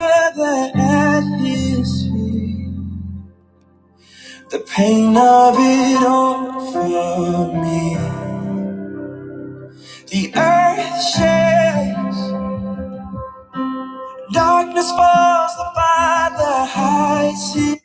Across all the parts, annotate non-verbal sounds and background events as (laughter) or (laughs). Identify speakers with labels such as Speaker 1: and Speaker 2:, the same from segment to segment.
Speaker 1: The atmosphere, the pain of it all for me. The earth shakes, darkness falls, the Father hides it.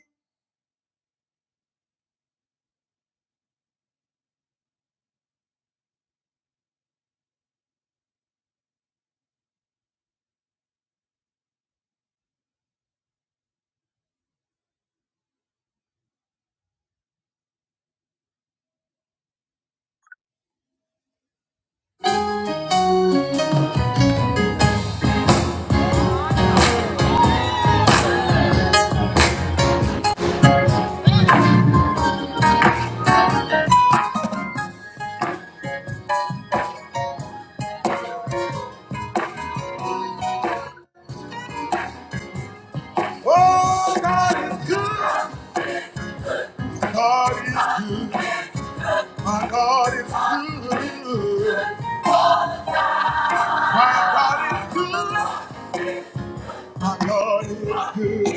Speaker 1: Oh, God is good, God is good, my God is good, my God is good, my God is good, good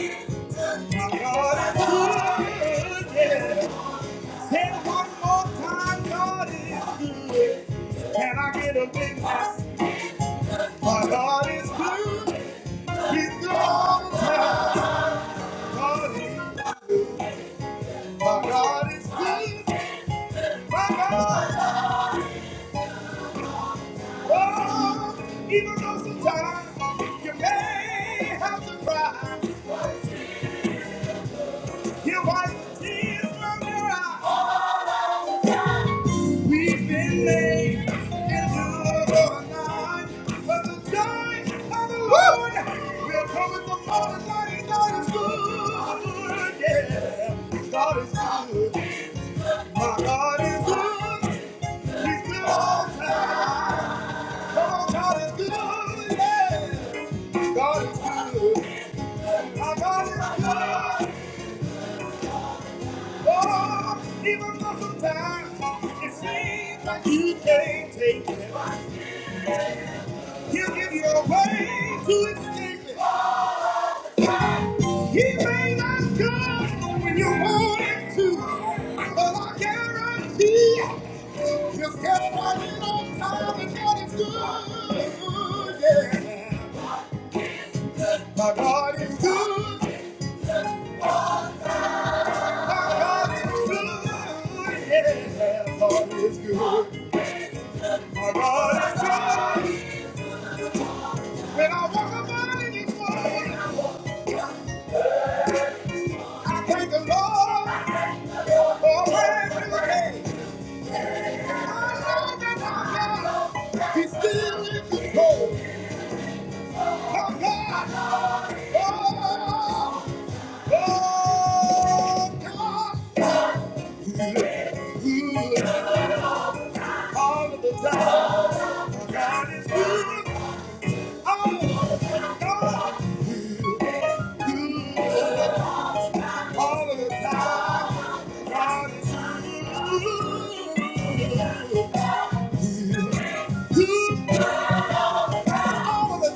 Speaker 1: all the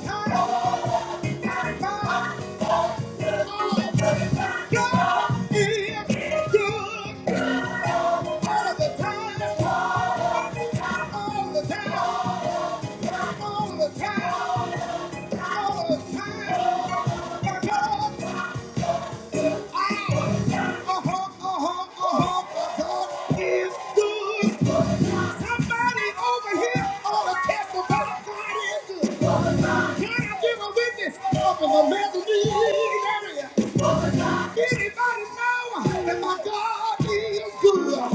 Speaker 1: time. God is good all the time, all the time, all the time, all the time. My God, I, uh-huh, uh-huh, uh-huh, God is good. Somebody over here ought to testify God is good. Can I give a witness of a Medellin area? Anybody know that my God is good?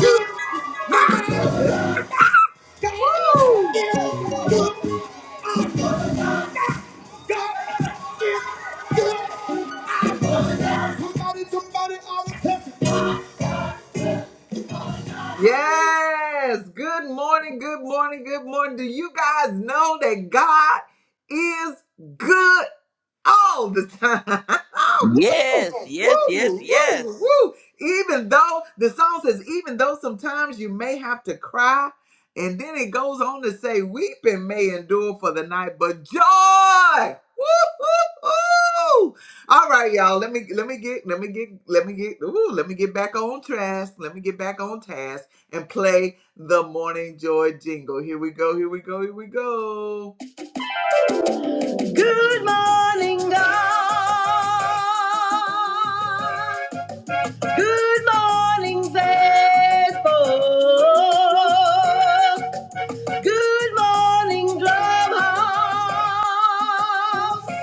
Speaker 1: good. Good
Speaker 2: Yes, yes, yes, yes.
Speaker 1: morning, God. Good morning, Facebook. Good morning, Clubhouse.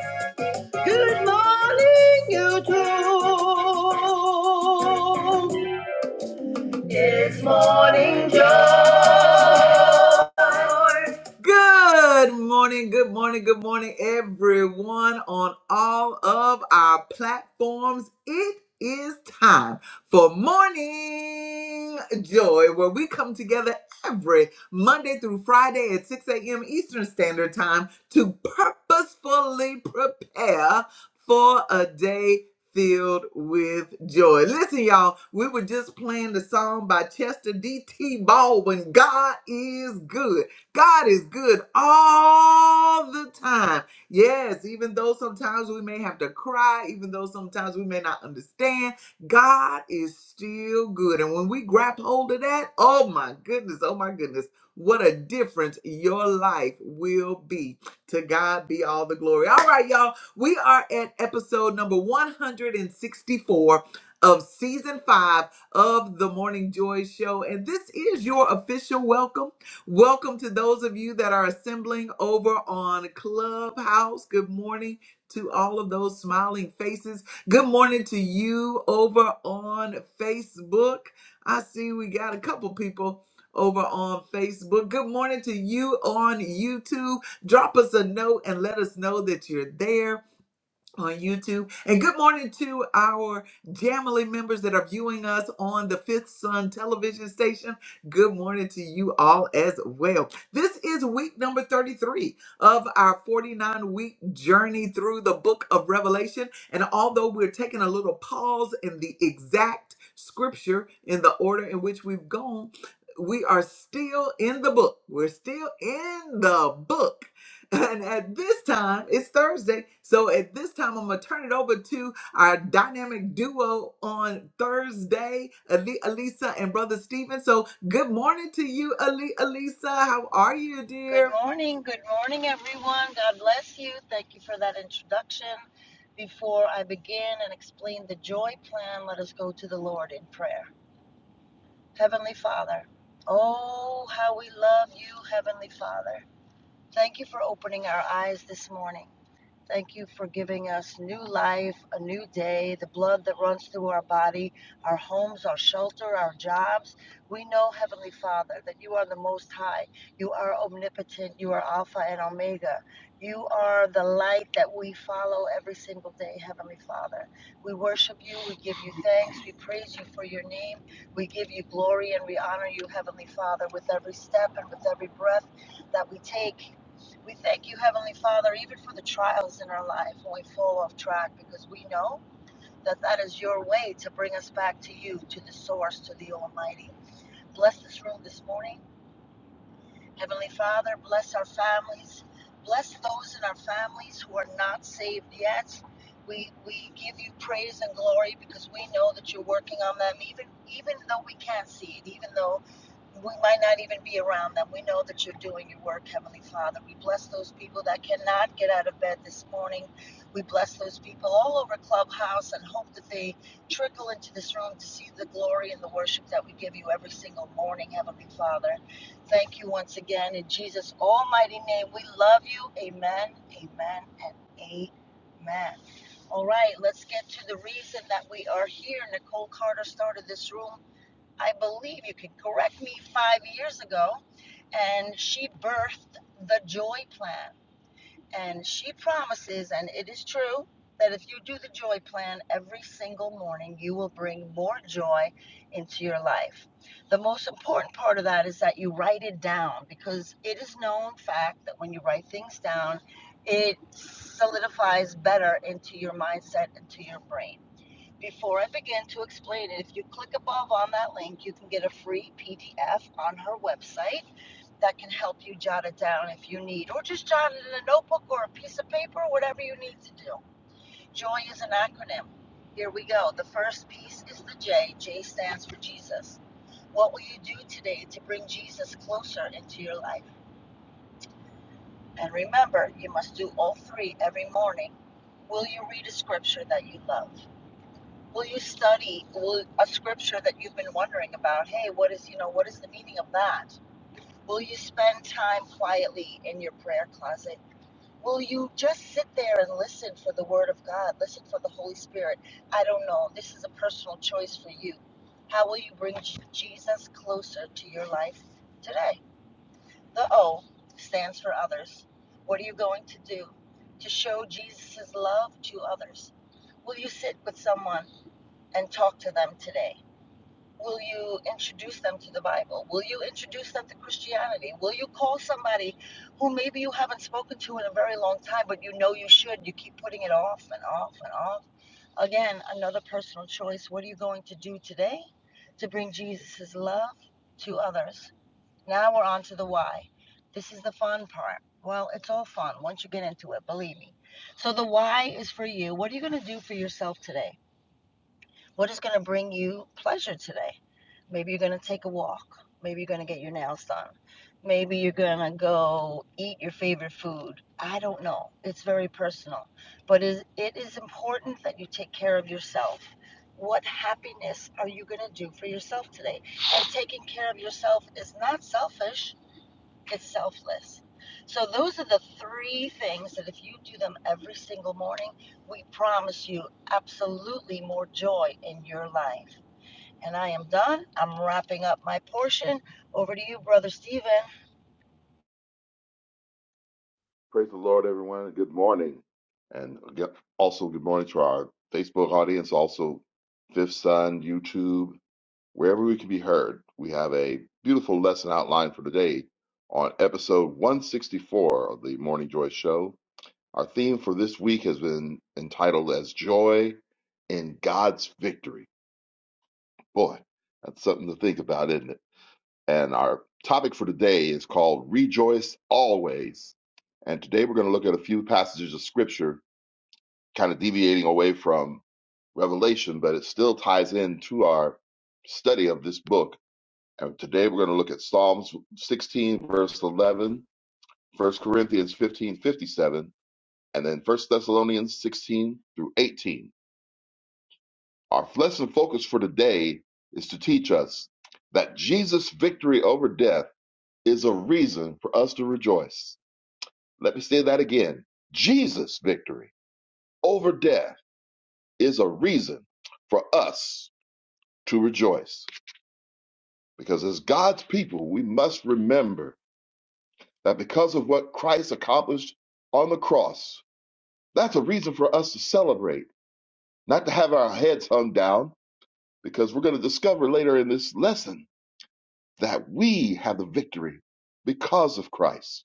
Speaker 1: Good morning, YouTube. It's morning joy. We
Speaker 3: Good morning. Good morning, everyone. God bless you. Thank you for that introduction. Before I begin and explain the joy plan, let us go to the Lord in prayer. Heavenly Father, oh, how we love you, Heavenly Father. Thank you for opening our eyes this morning. Thank you for giving us new life, a new day, the blood that runs through our body, our homes, our shelter, our jobs. We know, Heavenly Father, that you are the Most High. You are omnipotent. You are Alpha and Omega. You are the light that we follow every single day, Heavenly Father. We worship you. We give you thanks. We praise you for your name. We give you glory and we honor you, Heavenly Father, with every step and with every breath that we take. We thank you, Heavenly Father, even for the trials in our life when we fall off track, because we know that that is your way to bring us back to you, to the source, to the Almighty. Bless this room this morning. Heavenly Father, bless our families. Bless those in our families who are not saved yet. We, we give you praise and glory because we know that you're working on them, even, even though we can't see it, even though we might not even be around them. We know that you're doing your work, Heavenly Father. We bless those people that cannot get out of bed this morning. We bless those people all over Clubhouse and hope that they trickle into this room to see the glory and the worship that we give you every single morning, Heavenly Father. Thank you once again. In Jesus' almighty name, we love you. Amen, amen, and amen. All right, let's get to the reason that we are here. Nicole Carter started this room, I believe you can correct me, five years ago, and she birthed the Joy Plan. And she promises, and it is true, that if you do the joy plan every single morning, you will bring more joy into your life. The most important part of that is that you write it down because it is known fact that when you write things down, it solidifies better into your mindset, into your brain. Before I begin to explain it, if you click above on that link, you can get a free PDF on her website that can help you jot it down if you need, or just jot it in a notebook or a piece of paper, whatever you need to do. Joy is an acronym. Here we go. The first piece is the J. J stands for Jesus. What will you do today to bring Jesus closer into your life? And remember, you must do all three every morning. Will you read a scripture that you love? Will you study a scripture that you've been wondering about? Hey, what is, you know, what is the meaning of that? Will you spend time quietly in your prayer closet Will you just sit there and listen for the Word of God? Listen for the Holy Spirit. I don't know. This is a personal choice for you. How will you bring J- Jesus closer to your life today? The O stands for others. What are you going to do to show Jesus' love to others? Will you sit with someone and talk to them today? Will you introduce them to the Bible? Will you introduce them to Christianity? Will you call somebody who maybe you haven't spoken to in a very long time, but you know you should? You keep putting it off and off and off. Again, another personal choice. What are you going to do today to bring Jesus' love to others? Now we're on to the why. This is the fun part. Well, it's all fun once you get into it, believe me. So the why is for you. What are you going to do for yourself today? What is going to bring you pleasure today? Maybe you're going to take a walk. Maybe you're going to get your nails done. Maybe you're going to go eat your favorite food. I don't know. It's very personal. But it is important that you take care of yourself. What happiness are you going to do for yourself today? And taking care of yourself is not selfish it's selfless. So those are the three things that if you do them every single morning, we promise you absolutely more joy in your life. And I am done. I'm wrapping up my portion. Over to you, Brother Stephen.
Speaker 4: Praise the Lord, everyone. Good morning. And again- also, good morning to our Facebook audience, also Fifth Sun, YouTube, wherever we can be heard. We have a beautiful lesson outlined for today on episode 164 of the Morning Joy Show. Our theme for this week has been entitled as Joy in God's Victory. Boy, that's something to think about, isn't it? And our topic for today is called Rejoice Always. And today we're going to look at a few passages of scripture, kind of deviating away from Revelation, but it still ties into our study of this book. And today we're going to look at Psalms 16, verse 11, 1 Corinthians 15:57, and then 1 Thessalonians 16 through 18. Our lesson focus for today is to teach us that Jesus' victory over death is a reason for us to rejoice. Let me say that again. Jesus' victory over death is a reason for us to rejoice. Because as God's people, we must remember that because of what Christ accomplished on the cross, that's a reason for us to celebrate, not to have our heads hung down, because we're going to discover later in this lesson that we have the victory because of Christ.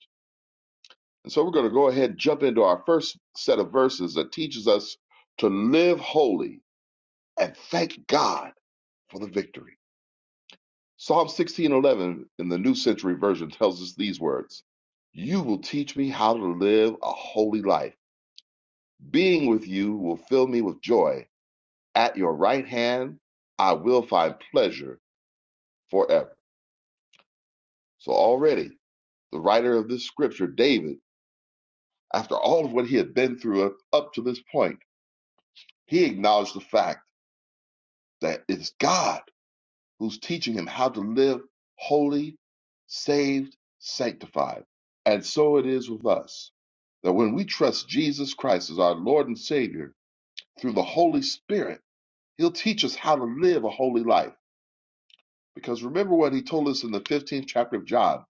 Speaker 4: And so we're going to go ahead and jump into our first set of verses that teaches us to live holy and thank God for the victory. Psalm 16:11 in the New Century Version tells us these words: "You will teach me how to live a holy life. Being with you will fill me with joy. At your right hand I will find pleasure forever." So already the writer of this scripture, David, after all of what he had been through up up to this point, he acknowledged the fact that it's God who's teaching him how to live holy, saved, sanctified. And so it is with us that when we trust Jesus Christ as our Lord and Savior through the Holy Spirit, He'll teach us how to live a holy life. Because remember what He told us in the 15th chapter of John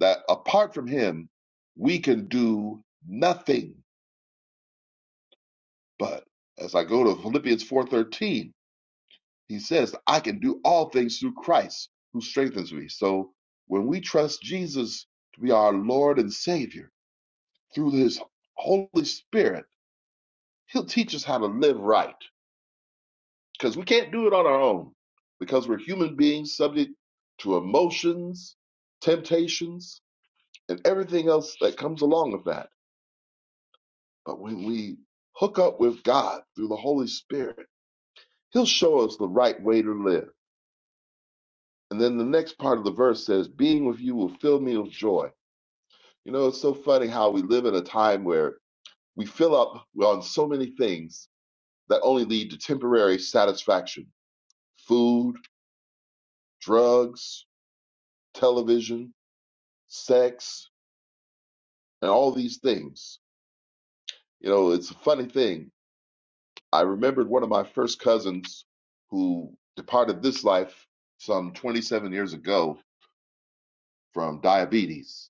Speaker 4: that apart from Him, we can do nothing. But as I go to Philippians 4:13, He says, I can do all things through Christ who strengthens me. So when we trust Jesus to be our Lord and Savior through his Holy Spirit, he'll teach us how to live right because we can't do it on our own because we're human beings subject to emotions, temptations, and everything else that comes along with that. But when we hook up with God through the Holy Spirit, he'll show us the right way to live And then the next part of the verse says, Being with you will fill me with joy. You know, it's so funny how we live in a time where we fill up on so many things that only lead to temporary satisfaction food, drugs, television, sex, and all these things. You know, it's a funny thing. I remembered one of my first cousins who departed this life some 27 years ago from diabetes.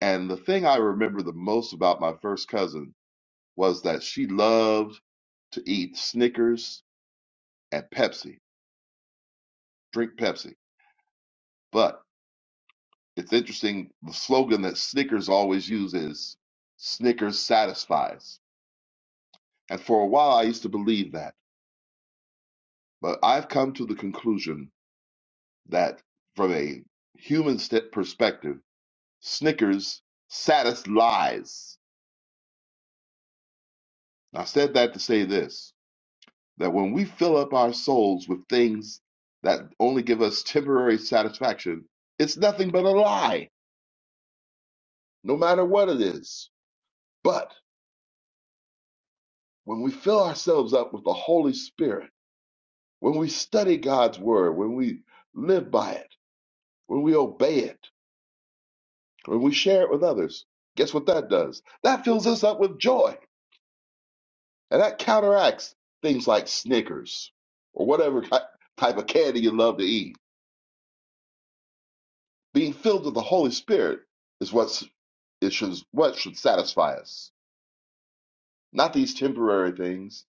Speaker 4: And the thing I remember the most about my first cousin was that she loved to eat Snickers and Pepsi, drink Pepsi. But it's interesting, the slogan that Snickers always uses Snickers satisfies. And for a while, I used to believe that. But I've come to the conclusion that from a human st- perspective, Snickers satisfies. I said that to say this that when we fill up our souls with things that only give us temporary satisfaction, it's nothing but a lie, no matter what it is. But when we fill ourselves up with the Holy Spirit, when we study God's Word, when we live by it, when we obey it, when we share it with others, guess what that does? That fills us up with joy. And that counteracts things like Snickers or whatever ki- type of candy you love to eat Being filled with the Holy Spirit is what's it should what should satisfy us, not these temporary things.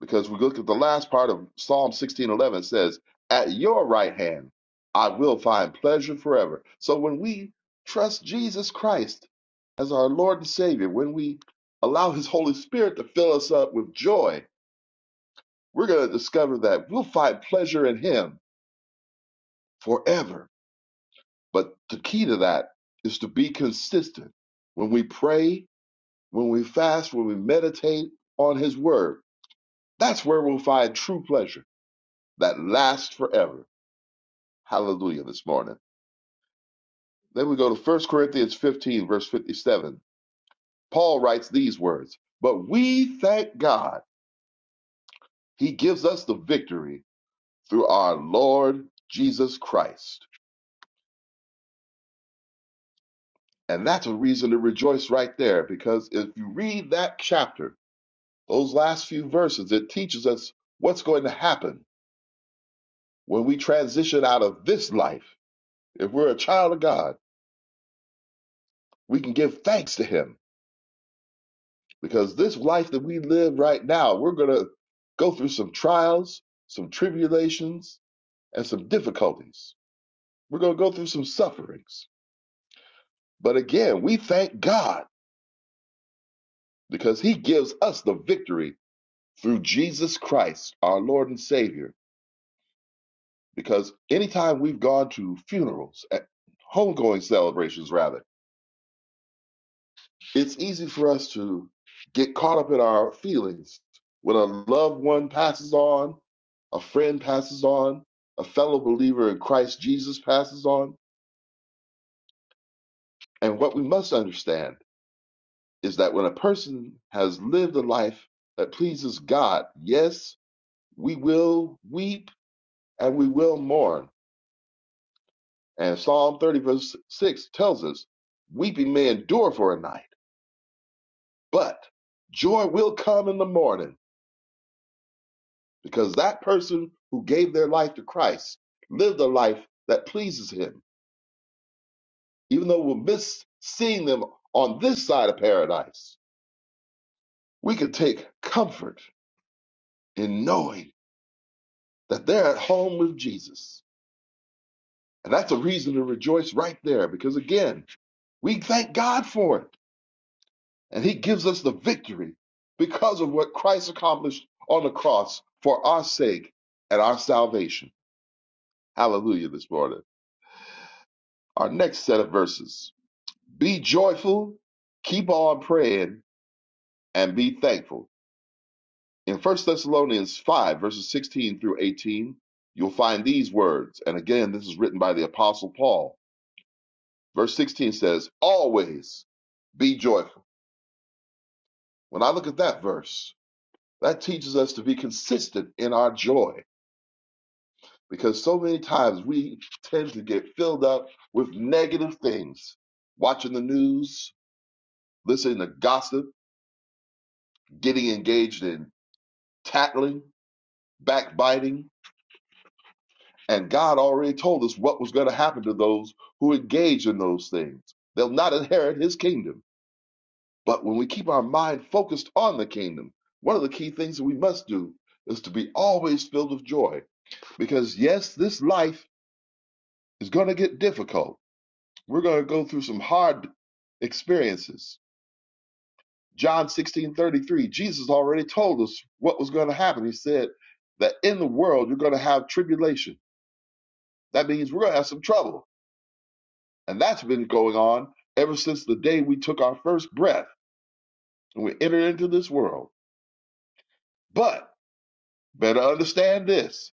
Speaker 4: Because we look at the last part of Psalm sixteen eleven it says, "At your right hand, I will find pleasure forever." So when we trust Jesus Christ as our Lord and Savior, when we allow His Holy Spirit to fill us up with joy, we're going to discover that we'll find pleasure in Him forever. But the key to that is to be consistent. When we pray When we fast, when we meditate on His Word, that's where we'll find true pleasure that lasts forever. Hallelujah this morning. Then we go to First Corinthians 15, verse 57. Paul writes these words But we thank God, He gives us the victory through our Lord Jesus Christ. And that's a reason to rejoice right there because if you read that chapter, those last few verses, it teaches us what's going to happen when we transition out of this life If we're a child of God, we can give thanks to Him because this life that we live right now, we're going to go through some trials, some tribulations, and some difficulties. We're going to go through some sufferings. But again, we thank God because He gives us the victory through Jesus Christ, our Lord and Savior. Because anytime we've gone to funerals, eh, homegoing celebrations, rather, It's easy for us to get caught up in our feelings when a loved one passes on, a friend passes on, a fellow believer in Christ Jesus passes on. And what we must understand is that when a person has lived a life that pleases God, yes, we will weep and we will mourn. And Psalm 30, verse 6 tells us, Weeping may endure for a night, but joy will come in the morning. because that person who gave their life to Christ lived a life that pleases Him. Even though we'll miss seeing them on this side of paradise, we can take comfort in knowing that they're at home with Jesus. And that's a reason to rejoice right there because, again, we thank God for it. And He gives us the victory because of what Christ accomplished on the cross for our sake and our salvation. Hallelujah this morning. Our next set of verses Be joyful, keep on praying, and be thankful. In First Thessalonians 5, verses 16 through 18, you'll find these words. And again, this is written by the Apostle Paul. Verse 16 says, Always be joyful. When I look at that verse, that teaches us to be consistent in our joy because so many times we tend to get filled up with negative things, watching the news, listening to gossip, getting engaged in tattling backbiting. And God already told us what was going to happen to those who engage in those things. They'll not inherit his kingdom. But when we keep our mind focused on the kingdom, one of the key things that we must do is to be always filled with joy. Because yes, this life is going to get difficult. We're going to go through some hard experiences. John 16 33. Jesus already told us what was going to happen. He said that in the world you're going to have tribulation. That means we're going to have some trouble And that's been going on ever since the day we took our first breath and we entered into this world. But better understand this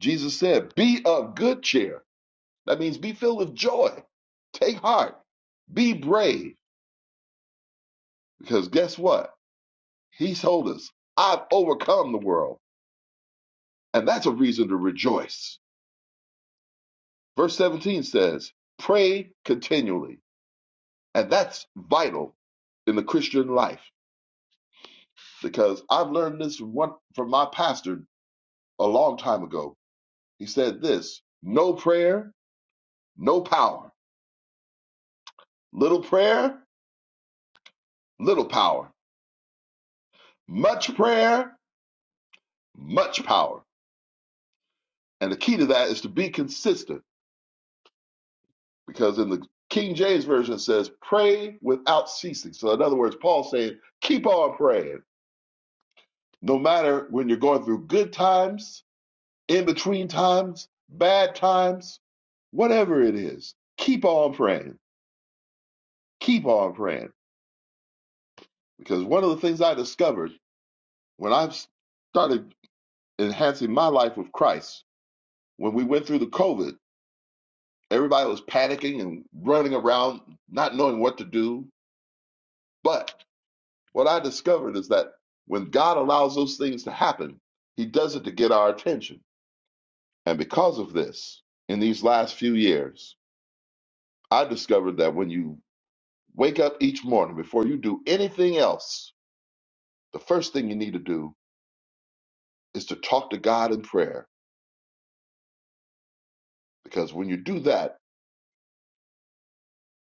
Speaker 4: Jesus said, Be of good cheer. That means be filled with joy. Take heart. Be brave. Because guess what? He told us, I've overcome the world. And that's a reason to rejoice. Verse 17 says, Pray continually. And that's vital in the Christian life because I've learned this from one from my pastor a long time ago. He said this no prayer, no power. Little prayer, little power. Much prayer, much power. And the key to that is to be consistent because in the King James Version it says, pray without ceasing. So, in other words, Paul's saying, keep on praying. No matter when you're going through good times, in between times, bad times, whatever it is, keep on praying. Keep on praying. Because one of the things I discovered When I started enhancing my life with Christ, when we went through the COVID, everybody was panicking and running around, not knowing what to do. But what I discovered is that when God allows those things to happen, He does it to get our attention. And because of this, in these last few years, I discovered that when you wake up each morning before you do anything else, the first thing you need to do is to talk to God in prayer. Because when you do that,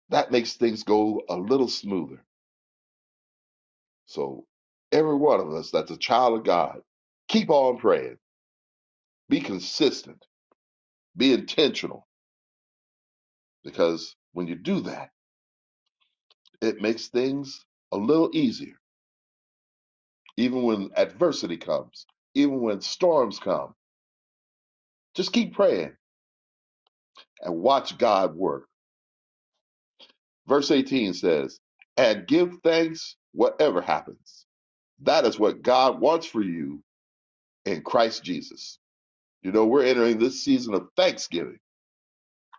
Speaker 4: That makes things go a little smoother. So, every one of us that's a child of God, keep on praying, be consistent, be intentional, because when you do that, it makes things a little easier, even when adversity comes, even when storms come. Just keep praying and watch God work. Verse 18 says, And give thanks whatever happens. That is what God wants for you in Christ Jesus. You know, we're entering this season of Thanksgiving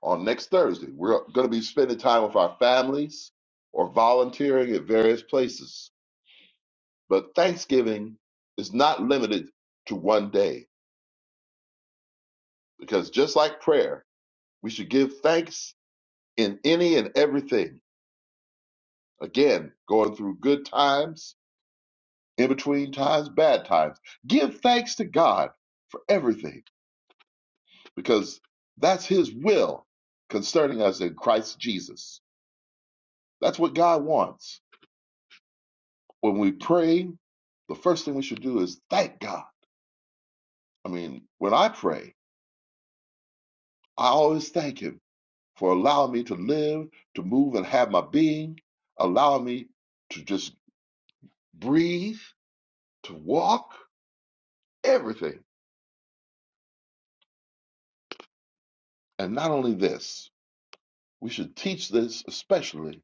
Speaker 4: on next Thursday. We're going to be spending time with our families or volunteering at various places. But Thanksgiving is not limited to one day because just like prayer, we should give thanks in any and everything. Again, going through good times, in between times, bad times. Give thanks to God for everything because that's His will concerning us in Christ Jesus. That's what God wants. When we pray, the first thing we should do is thank God. I mean, when I pray, I always thank Him for allowing me to live, to move, and have my being, allowing me to just breathe, to walk, everything. And not only this, we should teach this especially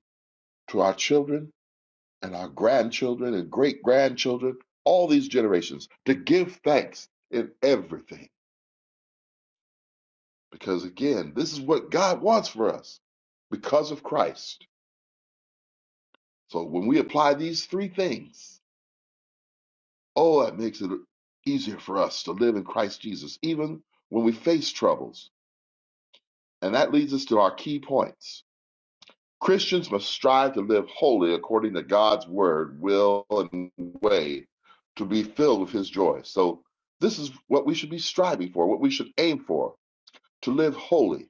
Speaker 4: to our children and our grandchildren and great grandchildren, all these generations, to give thanks in everything. Because again, this is what God wants for us because of Christ. So when we apply these three things, oh, that makes it easier for us to live in Christ Jesus, even when we face troubles. And that leads us to our key points. Christians must strive to live wholly according to God's word, will, and way to be filled with his joy. So this is what we should be striving for, what we should aim for, to live wholly.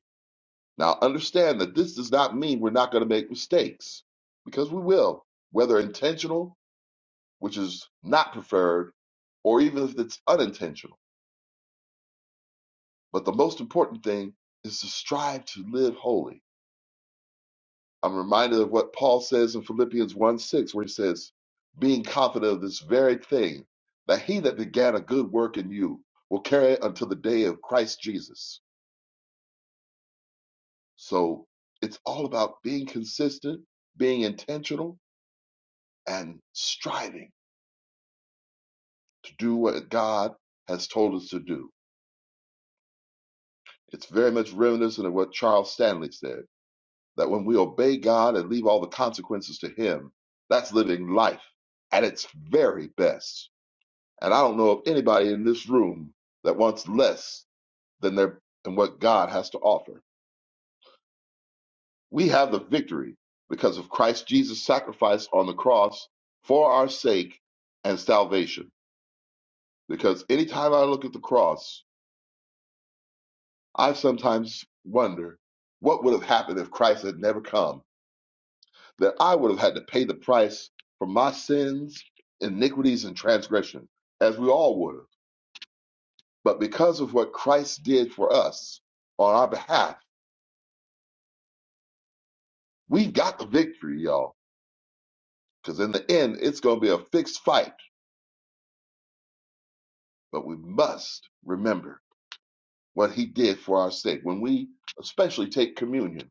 Speaker 4: Now understand that this does not mean we're not going to make mistakes, because we will, whether intentional which is not preferred, or even if it's unintentional. But the most important thing is to strive to live holy. I'm reminded of what Paul says in Philippians 1 6, where he says, Being confident of this very thing, that he that began a good work in you will carry it until the day of Christ Jesus. So it's all about being consistent, being intentional, and striving to do what God has told us to do. It's very much reminiscent of what Charles Stanley said. that when we obey God and leave all the consequences to Him, that's living life at its very best. And I don't know of anybody in this room that wants less than their and what God has to offer. We have the victory because of Christ Jesus' sacrifice on the cross for our sake and salvation. Because anytime I look at the cross, I sometimes wonder what would have happened if Christ had never come that I would have had to pay the price for my sins, iniquities, and transgression, as we all would have. But because of what Christ did for us on our behalf, we got the victory, y'all. Because in the end, it's going to be a fixed fight. But we must remember what he did for our sake. When we especially take communion,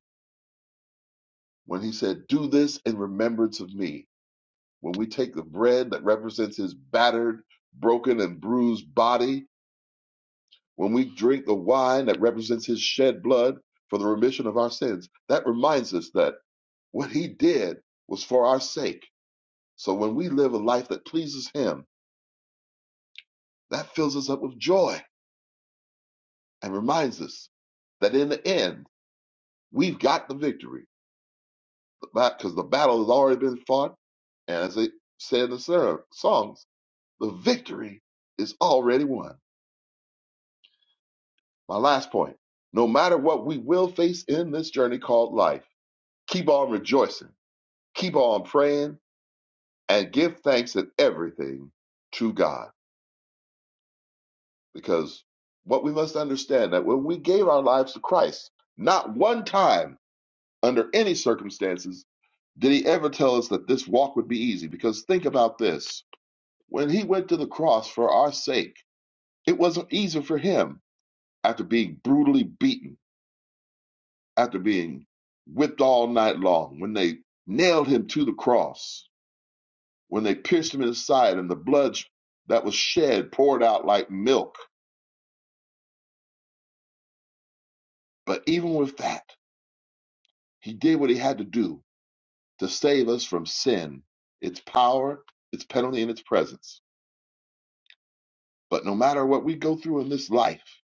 Speaker 4: when he said, Do this in remembrance of me. When we take the bread that represents his battered, broken, and bruised body, When we drink the wine that represents his shed blood for the remission of our sins, that reminds us that what he did was for our sake. So when we live a life that pleases him, that fills us up with joy and reminds us that in the end, we've got the victory because the battle has already been fought. And as they say in the ser- songs, the victory is already won. My last point no matter what we will face in this journey called life, keep on rejoicing, keep on praying and give thanks in everything to God. Because what we must understand that when we gave our lives to Christ, not one time under any circumstances did he ever tell us that this walk would be easy. Because think about this when he went to the cross for our sake, it wasn't easy for him after being brutally beaten, after being whipped all night long, when they nailed him to the cross, when they pierced him in his side and the blood that was shed poured out like milk But even with that, he did what he had to do to save us from sin, its power, its penalty, and its presence. But no matter what we go through in this life,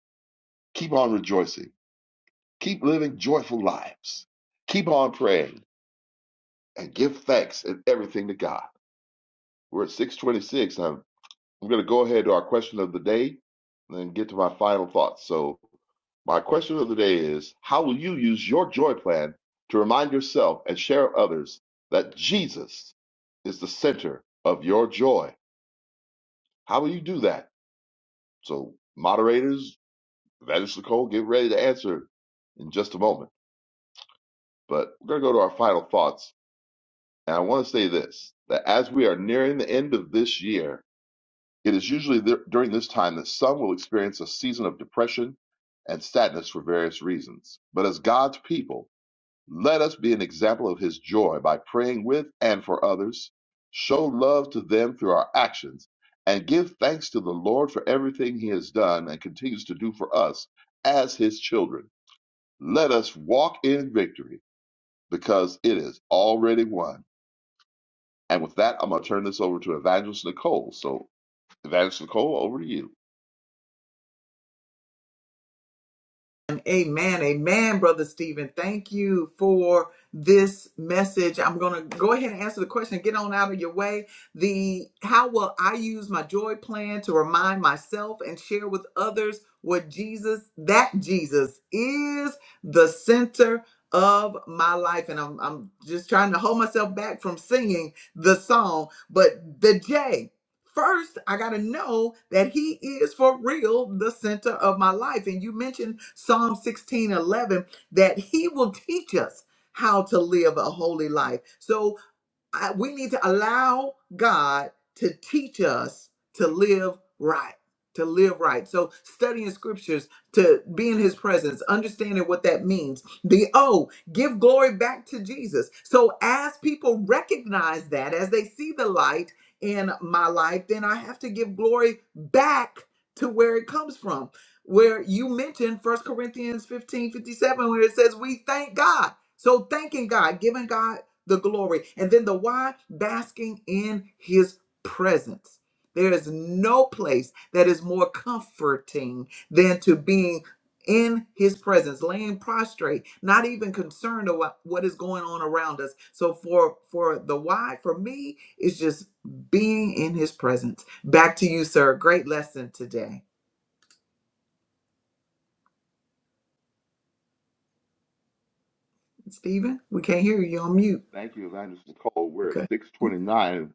Speaker 4: keep on rejoicing, keep living joyful lives, keep on praying, and give thanks in everything to God. We're at 626. I'm, I'm going to go ahead to our question of the day and then get to my final thoughts. So My question of the day is How will you use your joy plan to remind yourself and share others that Jesus is the center of your joy? How will you do that? So, moderators, Vanish Nicole, get ready to answer in just a moment. But we're going to go to our final thoughts. And I want to say this that as we are nearing the end of this year, it is usually th- during this time that some will experience a season of depression and sadness for various reasons. But as God's people, Let us be an example of his joy by praying with and for others, show love to them through our actions, and give thanks to the Lord for everything he has done and continues to do for us as his children. Let us walk in victory because it is already won. And with that, I'm going to turn this over to Evangelist Nicole. So, Evangelist Nicole, over to you. Thank you, Evangelist Nicole. We're at 629.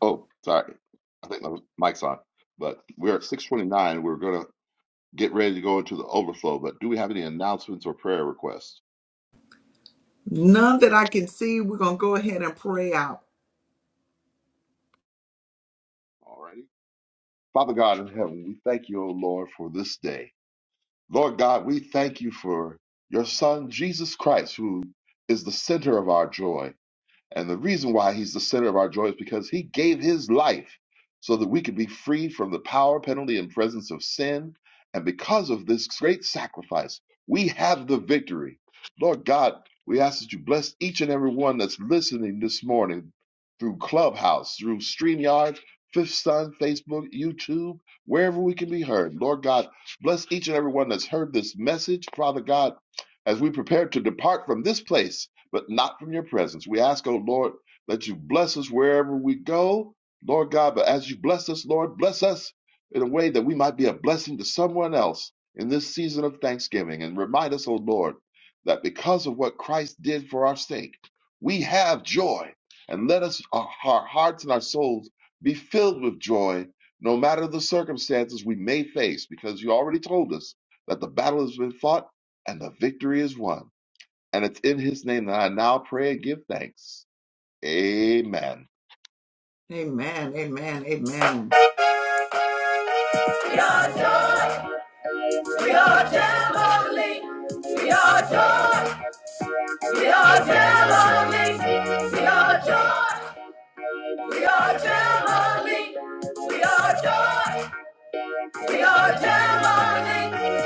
Speaker 4: Oh, sorry. I think my mic's on, but we're at 629. We're going to get ready to go into the overflow, but do we have any announcements or prayer requests? All righty. Father God in heaven, we thank you, O Lord, for this day. Lord God, we thank you for your Son, Jesus Christ, who is the center of our joy. And the reason why he's the center of our joy is because he gave his life so that we could be free from the power, penalty, and presence of sin. And because of this great sacrifice, we have the victory. Lord God, we ask that you bless each and every one that's listening this morning through Clubhouse, through StreamYard, Fifth Sun, Facebook, YouTube, wherever we can be heard. Lord God, bless each and every one that's heard this message. Father God, as we prepare to depart from this place, but not from your presence. We ask, oh Lord, that you bless us wherever we go, Lord God. But as you bless us, Lord, bless us in a way that we might be a blessing to someone else in this season of thanksgiving. And remind us, oh Lord, that because of what Christ did for our sake, we have joy. And let us, our, our hearts and our souls, be filled with joy no matter the circumstances we may face, because you already told us that the battle has been fought and the victory is won. And it's in his name that I now pray and give thanks. Amen. I
Speaker 1: are joy. We are heavenly. We are joy. We are heavenly. We are joy. We are heavenly. We are joy. We are heavenly.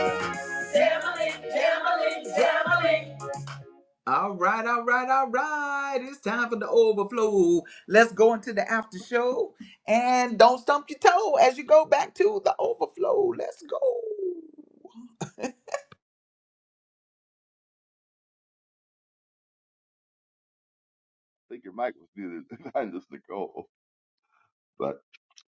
Speaker 1: Heavenly, heavenly, heavenly.
Speaker 4: think your mic was muted (laughs) behind us, Nicole. But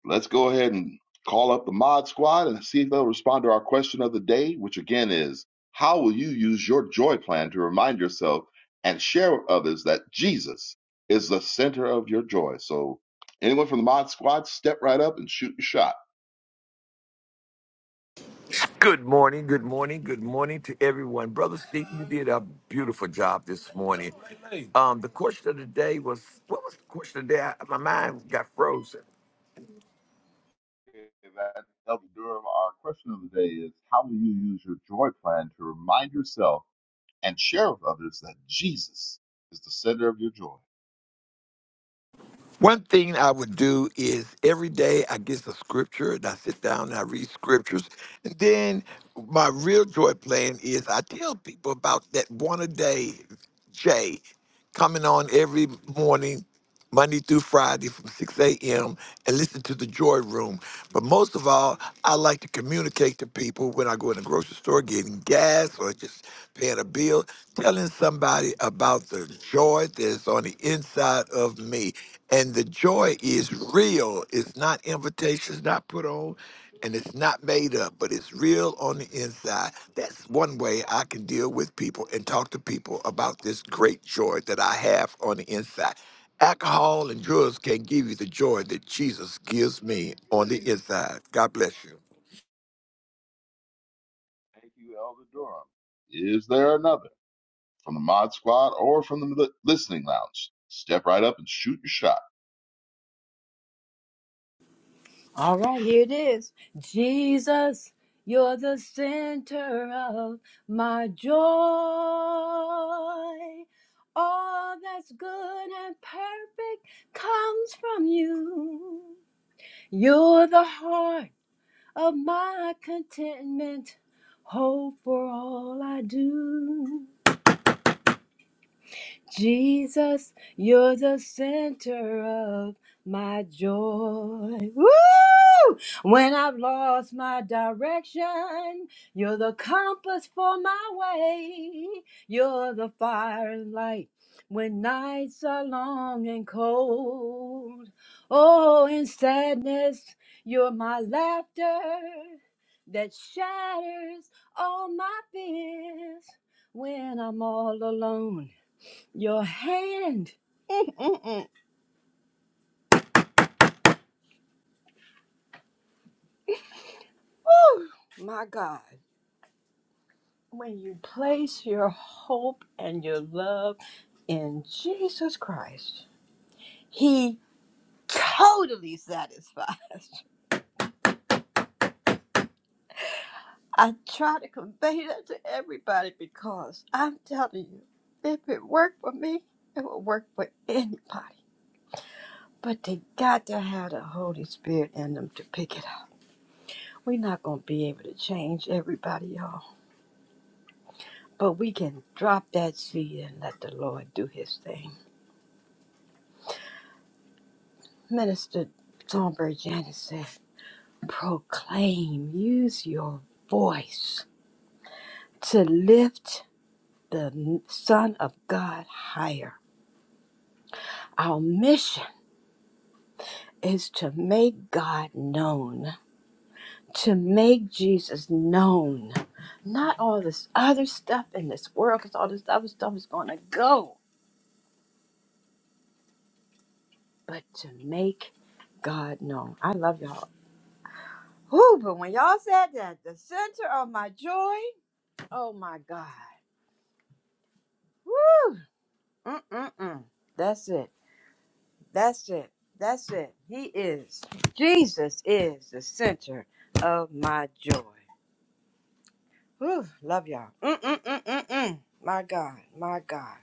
Speaker 4: let's go ahead and call up the mod squad and see if they'll respond to our question of the day, which again is how will you use your joy plan to remind yourself and share with others that Jesus is the center of your joy? So, anyone from the mod squad, step right up and shoot your shot.
Speaker 5: Good morning, good morning, good morning to everyone. Brother Steve, you did a beautiful job this morning. Um, the question of the day was what was the question of the day? I- my mind got frozen.
Speaker 4: Okay, that- Elder Durham, our question of the day is how will you use your joy plan to remind yourself? and share with others that Jesus is the center of your joy.
Speaker 5: One thing I would do is every day I get the scripture and I sit down and I read scriptures. And then my real joy plan is I tell people about that one a day J coming on every morning, Monday through Friday from 6 a.m. and listen to the joy room. But most of all, I like to communicate to people when I go in the grocery store getting gas or just paying a bill, telling somebody about the joy that's on the inside of me. And the joy is real. It's not invitations not put on and it's not made up, but it's real on the inside. That's one way I can deal with people and talk to people about this great joy that I have on the inside. Alcohol and drugs can't give you the joy that Jesus gives me on the inside. God bless you.
Speaker 4: Thank you, Elder Durham. Is there another from the Mod Squad or from the li- Listening Lounge? Step right up and shoot your shot.
Speaker 6: All right, here it is. Jesus, you're the center of my joy. All that's good and perfect comes from you. You're the heart of my contentment, hope for all I do. Jesus, you're the center of my joy. Woo! When I've lost my direction, you're the compass for my way. You're the fire and light when nights are long and cold. Oh, in sadness, you're my laughter that shatters all my fears when I'm all alone. Your hand. Mm-mm. Woo! My God. When you place your hope and your love in Jesus Christ, He totally satisfies. (laughs) I try to convey that to everybody because I'm telling you, if it worked for me, it would work for anybody. But they got to have the Holy Spirit in them to pick it up. We're not going to be able to change everybody, y'all. But we can drop that seed and let the Lord do his thing. Minister Songbird Janice says, proclaim, use your voice to lift the Son of God higher. Our mission is to make God known, to make Jesus known. Not all this other stuff in this world, because all this other stuff is going to go, but to make God known. I love y'all. Whew, but when y'all said that, the center of my joy, oh my God. Woo! Mm-mm-mm. That's it. That's it. That's it. He is. Jesus is the center of my joy. Whew, love y'all. Mm-mm-mm-mm-mm. My God. My God.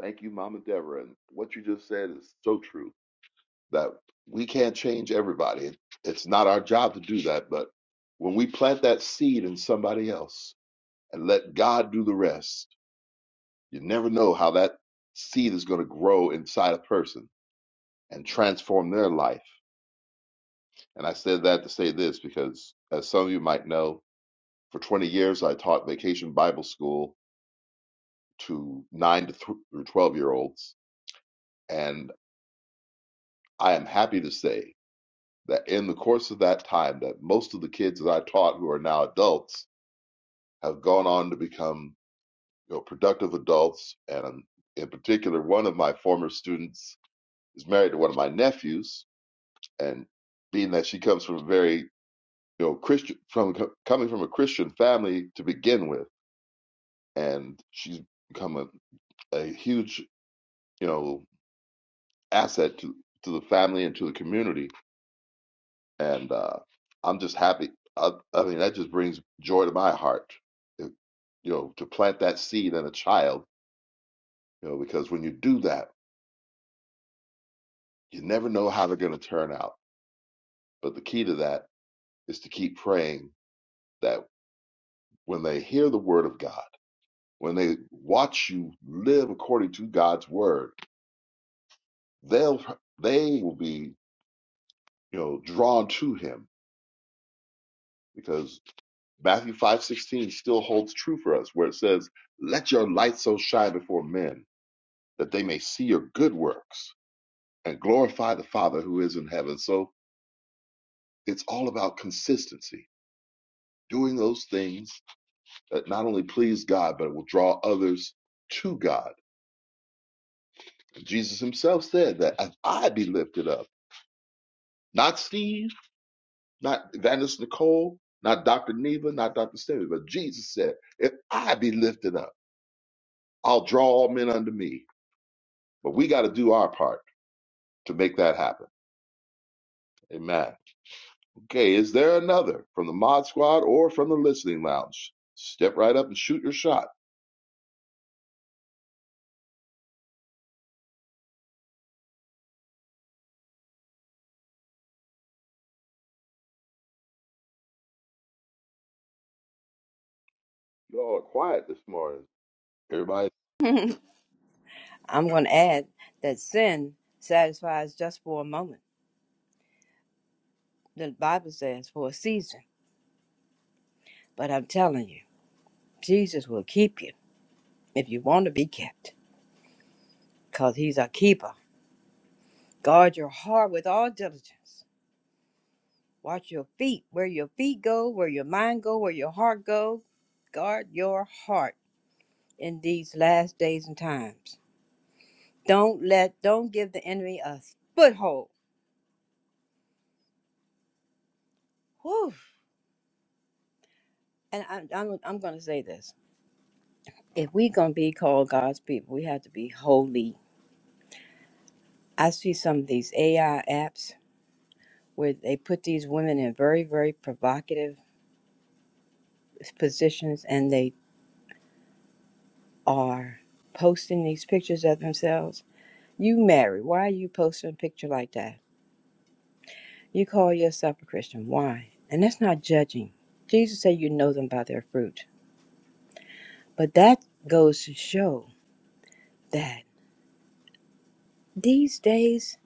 Speaker 4: Thank you, Mama Deborah. And what you just said is so true that we can't change everybody. It- It's not our job to do that. But when we plant that seed in somebody else and let God do the rest, you never know how that seed is going to grow inside a person and transform their life And I said that to say this because, as some of you might know, for 20 years I taught vacation Bible school to 9 to th- through 12 year olds. And I am happy to say that in the course of that time, that most of the kids that I taught who are now adults have gone on to become you know, productive adults. And um, in particular, one of my former students is married to one of my nephews. And being that she comes from a very you know, Christian, from co- coming from a Christian family to begin with and she's become a, a huge, you know, asset to to the family and to the community. And uh, I'm just happy. I, I mean, that just brings joy to my heart. It- you know, to plant that seed in a child. You know, because when you do that, you never know how they're going to turn out. But the key to that is to keep praying that when they hear the word of God, when they watch you live according to God's word, they'll they will be you know drawn to Him because Matthew 5:16 still holds true for us where it says let your light so shine before men that they may see your good works and glorify the father who is in heaven so it's all about consistency doing those things that not only please God but will draw others to God And Jesus himself said that as I be lifted up not Steve not Evangelist Nicole not Dr. Neva not Dr. Stevie but Jesus said if I be lifted up I'll draw all men unto me But we got to do our part to make that happen. Amen. Okay, is there another from the Mod Squad or from the Listening Lounge? Step right up and shoot your shot. Y'all are quiet this morning. Everybody.
Speaker 6: I'm going to add that sin satisfies just for a moment. The Bible says for a season. But I'm telling you, Jesus will keep you if you want to be kept because he's a keeper. Guard your heart with all diligence. Watch your feet, where your feet go, where your mind go, where your heart go. Guard your heart in these last days and times. Don't let, don't give the enemy a foothold. Whew. And I, I'm, I'm going to say this: if we're going to be called God's people, we have to be holy. I see some of these AI apps where they put these women in very, very provocative positions, and they are posting these pictures of themselves You married. Why are you posting a picture like that? You call yourself a Christian. Why? And that's not judging. Jesus said you know them by their fruit. But that goes to show that these days,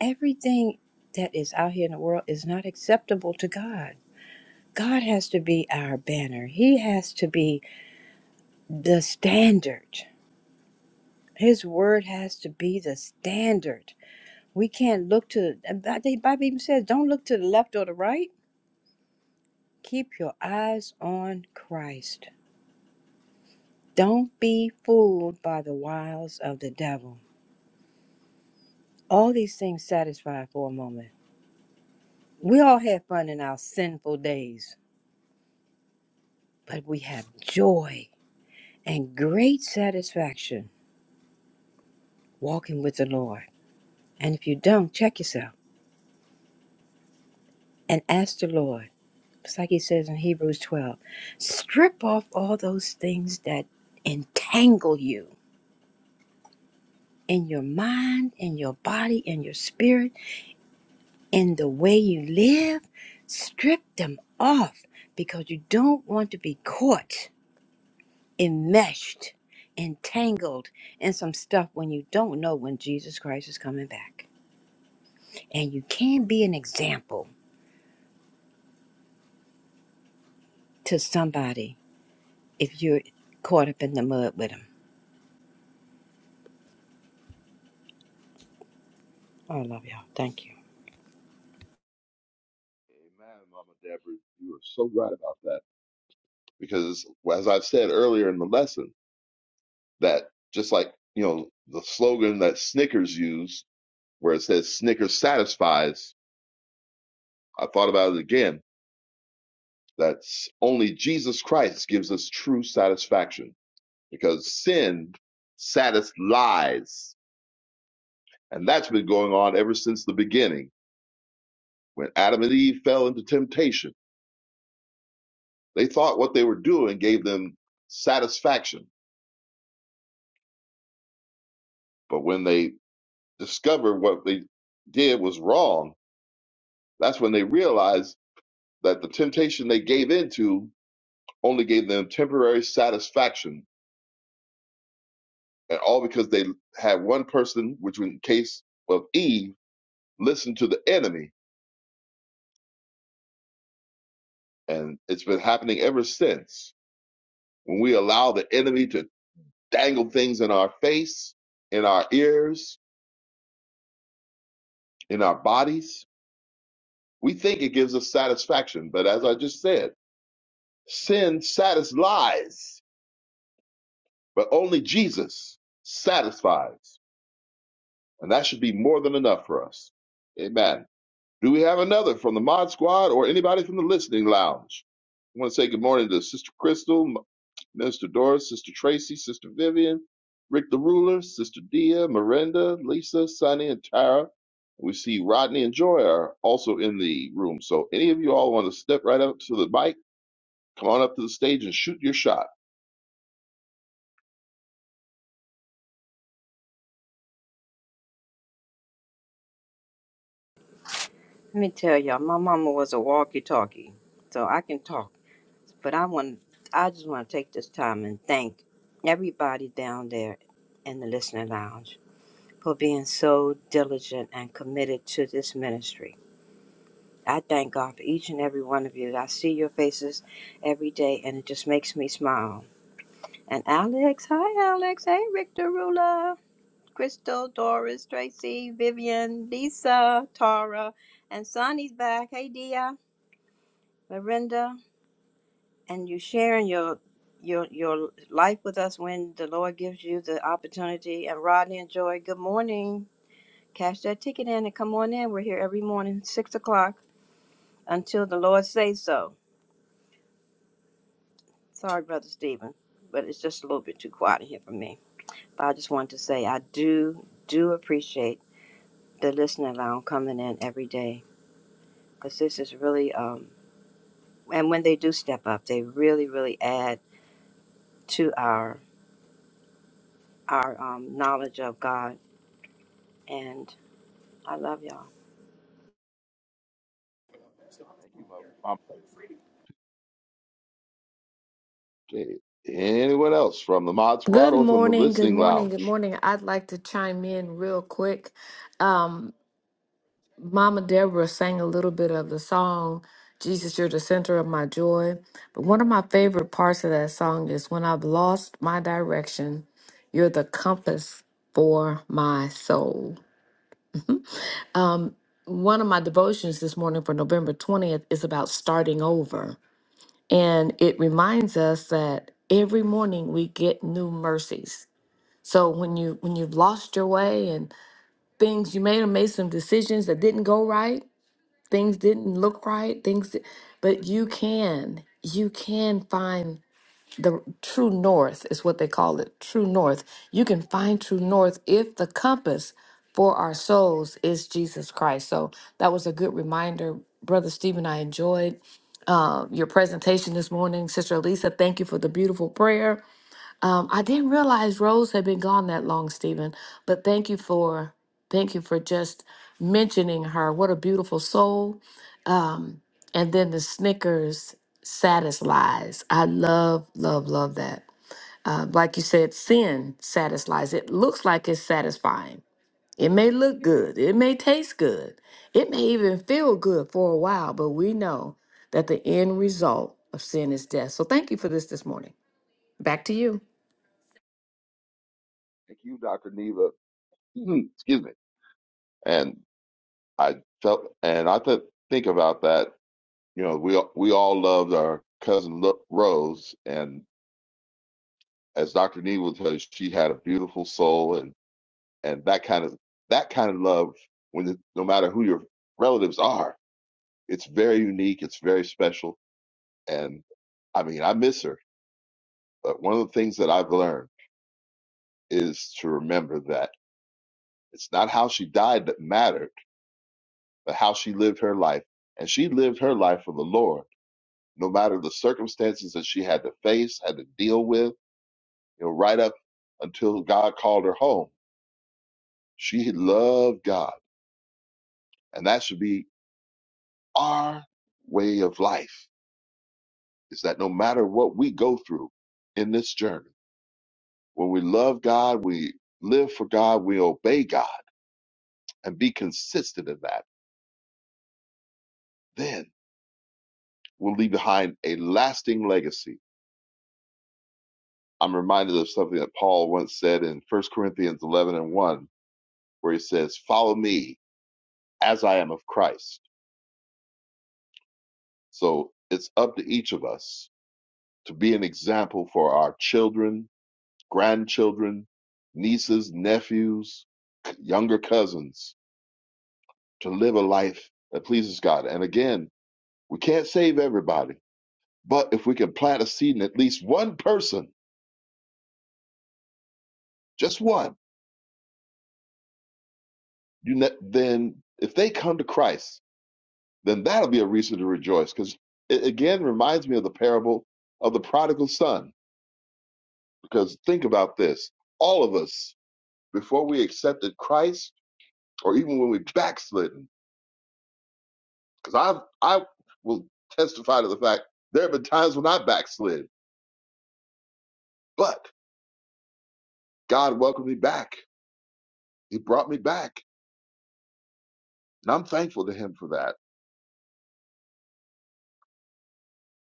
Speaker 6: everything that is out here in the world is not acceptable to God. God has to be our banner, He has to be the standard. His word has to be the standard. We can't look to, the Bible even says, don't look to the left or the right Keep your eyes on Christ. Don't be fooled by the wiles of the devil. All these things satisfy for a moment. We all have fun in our sinful days, but we have joy and great satisfaction walking with the Lord. And if you don't, check yourself and ask the Lord. It's like he says in Hebrews 12 strip off all those things that entangle you in your mind, in your body, in your spirit in the way you live, strip them off because you don't want to be caught, enmeshed, entangled in some stuff when you don't know when Jesus Christ is coming back. And you can be an example to somebody if you're caught up in the mud with them. I love y'all. Thank you.
Speaker 4: Amen, Mama Deborah. You are so right about that. Because as I've said earlier in the lesson, that just like, you know, the slogan that Snickers used, where it says Snickers satisfies, I thought about it again. That's only Jesus Christ gives us true satisfaction because sin satisfies. And that's been going on ever since the beginning. When Adam and Eve fell into temptation, they thought what they were doing gave them satisfaction. But when they discovered what they did was wrong, that's when they realized that the temptation they gave into only gave them temporary satisfaction. And all because they had one person, which in the case of Eve, listened to the enemy. And it's been happening ever since when we allow the enemy to dangle things in our face, in our ears, in our bodies, we think it gives us satisfaction. But as I just said, sin satisfies, but only Jesus satisfies. And that should be more than enough for us. Amen. Do we have another from the Mod Squad or anybody from the Listening Lounge? I want to say good morning to Sister Crystal, M- Minister Doris, Sister Tracy, Sister Vivian, Rick the Ruler, Sister Dia, Miranda, Lisa, Sunny, and Tara. We see Rodney and Joy are also in the room. So any of you all want to step right up to the mic, come on up to the stage and shoot your shot.
Speaker 6: Let me tell y'all, my mama was a walkie-talkie, so I can talk. But I want, I just want to take this time and thank everybody down there in the listening lounge. for being so diligent and committed to this ministry. I thank God for each and every one of you. I see your faces every day, and it just makes me smile. And Alex, hi Alex, hey Victor Rula, Crystal, Doris, Tracy, Vivian, Lisa, Tara, and Sonny's back. Hey Dia, Lorinda, and you sharing your your your life with us when the Lord gives you the opportunity. And Rodney and Joy, good morning. Cash that ticket in and come on in. We're here every morning, six o'clock, until the Lord says so. Sorry, Brother Stephen, but it's just a little bit too quiet in here for me. But I just wanted to say I do, do appreciate the listening lounge coming in every day because this is really, um, and when they do step up, they really, really add to our our um, knowledge of God. And I love y'all.
Speaker 4: Thank you, Mom. Mom. Okay. Anyone else from the Mod Squad
Speaker 7: Good
Speaker 4: or from the
Speaker 7: morning, good
Speaker 4: Listening
Speaker 7: morning, good
Speaker 4: Lounge?
Speaker 7: morning. I'd like to chime in real quick. Mama Deborah sang a little bit of the song, Jesus, You're the Center of My Joy. But one of my favorite parts of that song is when I've lost my direction, you're the compass for my soul. One of my devotions this morning for November 20th is about starting over. And it reminds us that every morning we get new mercies. So when you when you've lost your way things you may have made some decisions that didn't go right things didn't look right things di- but you can you can find the true north is what they call it true north you can find true north if the compass for our souls is jesus christ so that was a good reminder brother stephen i enjoyed uh, your presentation this morning sister elisa thank you for the beautiful prayer I didn't realize Rose had been gone that long, Stephen. But thank you for thank you for just mentioning her. What a beautiful soul. And then the Snickers satisfies. I love, love, love that. Uh, like you said, sin satisfies. It looks like it's satisfying. It may look good. It may taste good. It may even feel good for a while, but we know that the end result of sin is death. So thank you for this this morning. Back to you.
Speaker 4: Thank you, Dr. Neva. (clears throat) Excuse me. And. I felt, and I th think about that. You know, we all- we all loved our cousin Lo- Rose, and as Dr. Nee would tell you, she had a beautiful soul, and and that kind of that kind of love, when the, no matter who your relatives are, it's very unique, it's very special, and I mean, I miss her. But one of the things that I've learned is to remember that it's not how she died that mattered, but how she lived her life, and she lived her life for the Lord no matter the circumstances that she had to face, had to deal with, you know, right up until God called her home. She loved God. And that should be our way of life is that no matter what we go through in this journey, when we love God, we live for God, we obey God and be consistent in that, then we'll leave behind a lasting legacy. I'm reminded of something that Paul once said in First Corinthians 11 and 1, where he says, Follow me as I am of Christ. So it's up to each of us to be an example for our children, grandchildren, nieces, nephews, younger cousins to live a life that pleases God. And again, we can't save everybody, but if we can plant a seed in at least one person, just one, you ne- then if they come to Christ, then that'll be a reason to rejoice. Because it again reminds me of the parable of the prodigal son. Because think about this all of us before we accepted Christ, or even when we backslidden, because I I will testify to the fact there have been times when I backslid, but God welcomed me back. He brought me back, and I'm thankful to Him for that.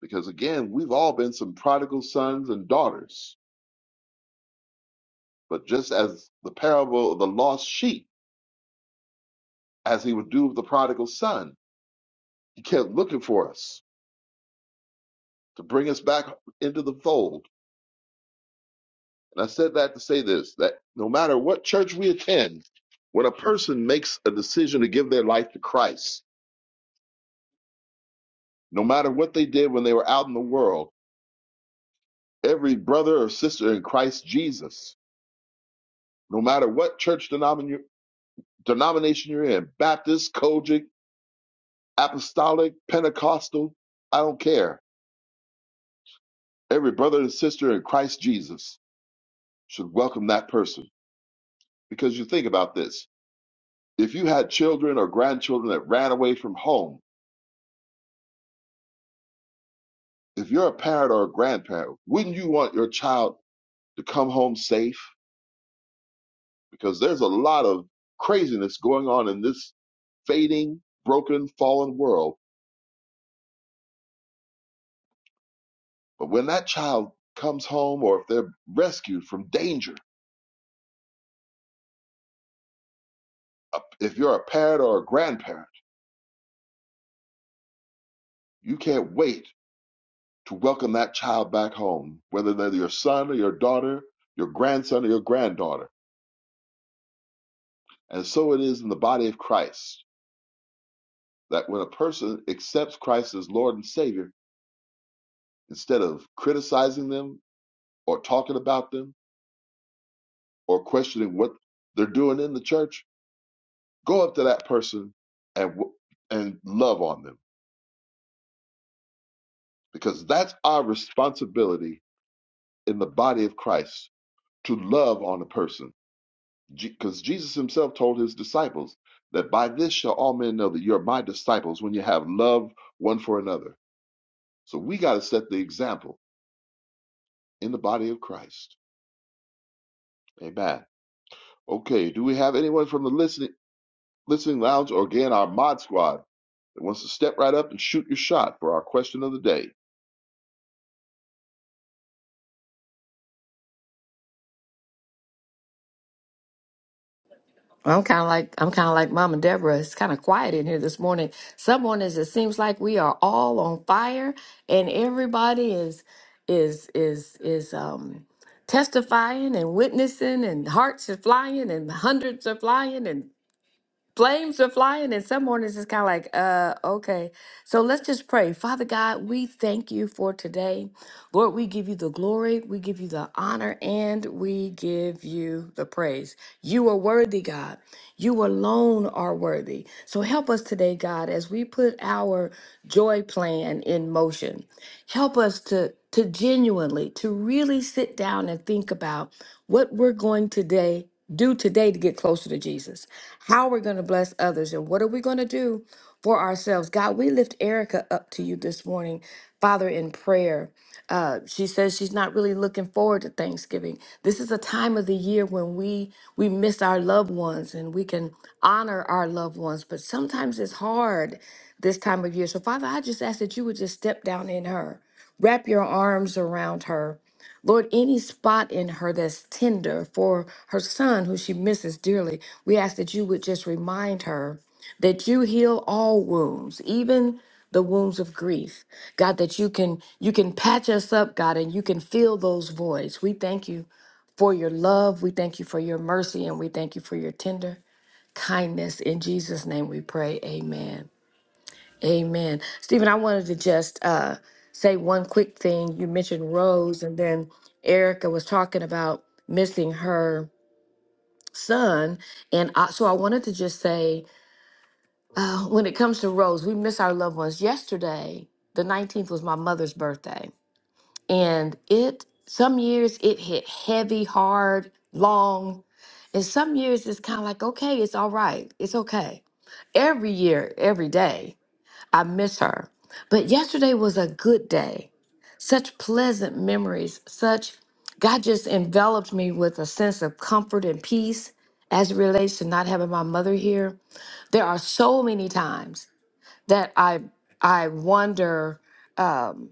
Speaker 4: Because again, we've all been some prodigal sons and daughters, but just as the parable of the lost sheep, as He would do with the prodigal son, He kept looking for us to bring us back into the fold And I said that to say this that no matter what church we attend, when a person makes a decision to give their life to Christ, no matter what they did when they were out in the world, every brother or sister in Christ Jesus, no matter what church denomin- denomination you're in Baptist, Kojic, Apostolic, Pentecostal I don't care. Every brother and sister in Christ Jesus should welcome that person. Because you think about this if you had children or grandchildren that ran away from home, if you're a parent or a grandparent, wouldn't you want your child to come home safe? Because there's a lot of craziness going on in this fading, broken, fallen world. But when that child comes home or if they're rescued from danger, uh, if you're a parent or a grandparent, you can't wait to welcome that child back home, whether they're your son or your daughter, your grandson or your granddaughter. And so it is in the body of Christ that when a person accepts Christ as Lord and Savior, instead of criticizing them or talking about them or questioning what they're doing in the church, go up to that person and w- and love on them because that's our responsibility in the body of Christ to love on a person. Because Jesus himself told his disciples that by this shall all men know that you're my disciples when you have love one for another. So we got to set the example in the body of Christ. Amen. Okay, do we have anyone from the listening? Listening Lounge, or again, our mod squad that wants to step right up and shoot your shot for our question of the day. Thank
Speaker 7: I'm kind of like I'm kind of like Mama Deborah. It's kind of quiet in here this morning. Some mornings it seems like we are all on fire, and everybody is is is is um testifying and witnessing, and hearts are flying, and hundreds are flying, and Flames are flying, and some mornings it's kind of like, uh, okay. So let's just pray. Father God, we thank you for today. Lord, we give you the glory, we give you the honor, and we give you the praise. You are worthy, God. You alone are worthy. So help us today, God, as we put our joy plan in motion help us to to genuinely to really sit down and think about what we're going today do today to get closer to Jesus. How we're going to bless others and what are we going to do for ourselves? God, we lift Erica up to you this morning, Father, in prayer. Uh, she says she's not really looking forward to Thanksgiving. This is a time of the year when we we miss our loved ones and we can honor our loved ones, but sometimes it's hard this time of year. So, Father, I just ask that you would just step down in her, wrap your arms around her. Lord, any spot in her that's tender for her son who she misses dearly, we ask that you would just remind her that you heal all wounds, even the wounds of grief. God, that you can you can patch us up, God, and you can fill those voids. We thank you for your love, we thank you for your mercy, and we thank you for your tender kindness. In Jesus' name we pray. Amen. Amen. Stephen, I wanted to just uh, say one quick thing. You mentioned Rose, and then Erica was talking about missing her son. And I, so I wanted to just say uh, when it comes to Rose, we miss our loved ones. Yesterday, the 19th, was my mother's birthday. And it, some years it hit heavy, hard, long. And some years it's kind of like, okay, it's all right. It's okay. Every year, every day, I miss her. But yesterday was a good day. Such pleasant memories, such God just enveloped me with a sense of comfort and peace as it relates to not having my mother here. There are so many times that I I wonder, um,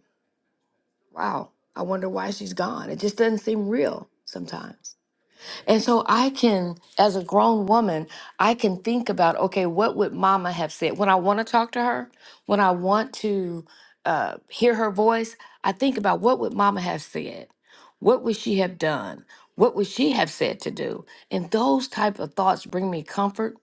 Speaker 7: wow, I wonder why she's gone. It just doesn't seem real sometimes. And so I can, as a grown woman, I can think about, okay, what would mama have said? When I want to talk to her, when I want to uh, hear her voice, I think about what would mama have said? What would she have done? What would she have said to do? And those type of thoughts bring me comfort.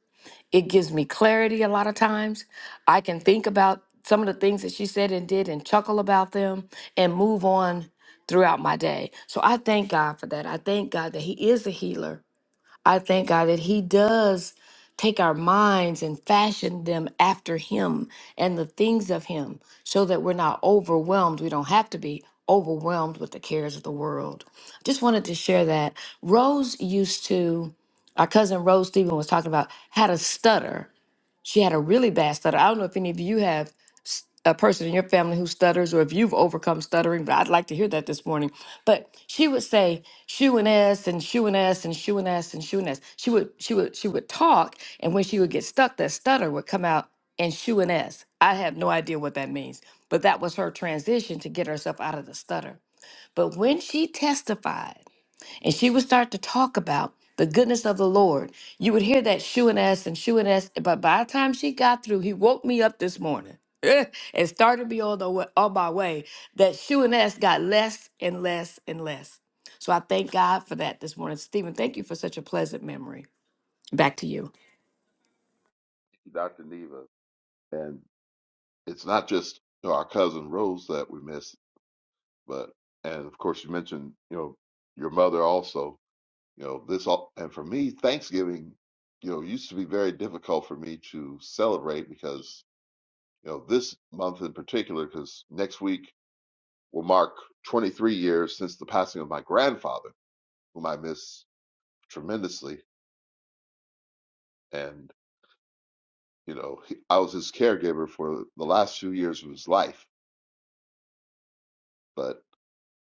Speaker 7: It gives me clarity a lot of times. I can think about some of the things that she said and did and chuckle about them and move on throughout my day. So I thank God for that. I thank God that He is a healer I thank God that He does take our minds and fashion them after Him and the things of Him so that we're not overwhelmed. We don't have to be overwhelmed with the cares of the world. Just wanted to share that. Rose used to, our cousin Rose Stephen was talking about, had a stutter. She had a really bad stutter. I don't know if any of you have s- a person in your family who stutters or if you've overcome stuttering, but I'd like to hear that this morning. But she would say shoe and s and shoe and s and shoe and s and shoe and s. She would she would she would talk and when she would get stuck, that stutter would come out and shoe and s. I have no idea what that means, but that was her transition to get herself out of the stutter. But when she testified and she would start to talk about the goodness of the Lord. You would hear that shooing us and shooing us, but by the time she got through, he woke me up this morning (laughs) and started me on the way, on my way. That shooing us got less and less and less. So I thank God for that this morning, Stephen. Thank you for such a pleasant memory. Back to you.
Speaker 4: you, Dr. Neva. And it's not just you know, our cousin Rose that we miss, but, and of course, you mentioned, you know, your mother also. You know, this all, and for me, Thanksgiving, you know, used to be very difficult for me to celebrate because, you know, this month in particular, because next week will mark 23 years since the passing of my grandfather, whom I miss tremendously. And you know he, i was his caregiver for the last few years of his life but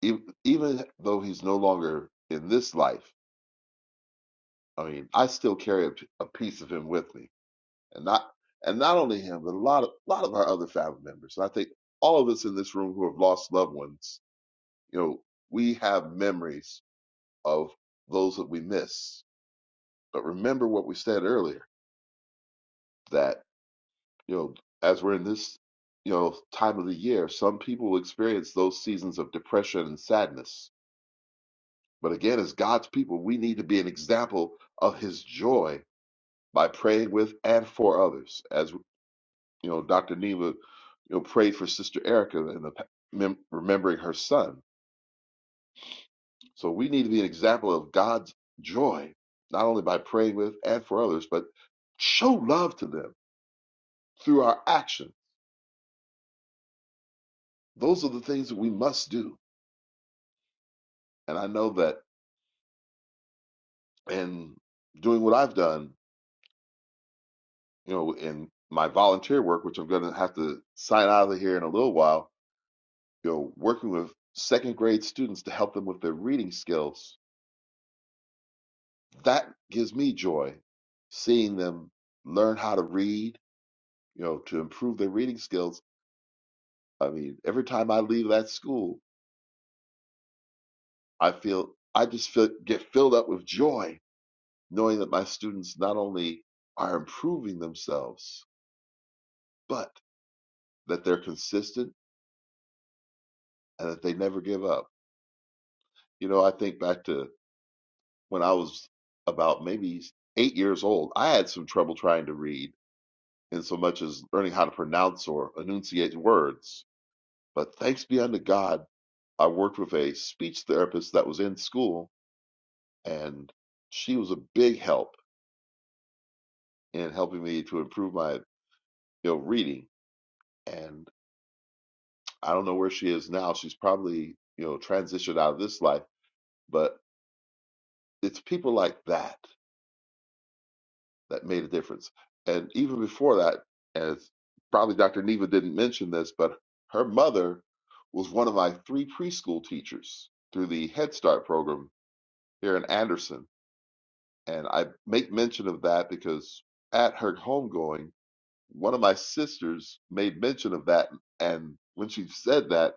Speaker 4: even, even though he's no longer in this life i mean i still carry a a piece of him with me and not and not only him but a lot of lot of our other family members and i think all of us in this room who have lost loved ones you know we have memories of those that we miss but remember what we said earlier that. you know, as we're in this, you know, time of the year, some people will experience those seasons of depression and sadness. But again, as God's people, we need to be an example of His joy by praying with and for others. As you know, Dr. Neva, you know, prayed for Sister Erica and the, mem- remembering her son. So we need to be an example of God's joy, not only by praying with and for others, but show love to them through our action. Those are the things that we must do. And I know that and doing what I've done, you know, in my volunteer work, which I'm going to have to sign out of here in a little while, you know, working with second grade students to help them with their reading skills, that gives me joy seeing them learn how to read, you know, to improve their reading skills. I mean, every time I leave that school, I feel I just feel, get filled up with joy knowing that my students not only are improving themselves, but that they're consistent and that they never give up. You know, I think back to when I was about maybe eight years old, I had some trouble trying to read in so much as learning how to pronounce or enunciate words. But thanks be unto God, I worked with a speech therapist that was in school, and she was a big help in helping me to improve my, you know, reading. And I don't know where she is now. She's probably, you know, transitioned out of this life, but it's people like that that made a difference. And even before that, as probably Dr. Neva didn't mention this, but her mother was one of my three preschool teachers through the Head Start program here in Anderson. And I make mention of that because at her homegoing, one of my sisters made mention of that. And when she said that,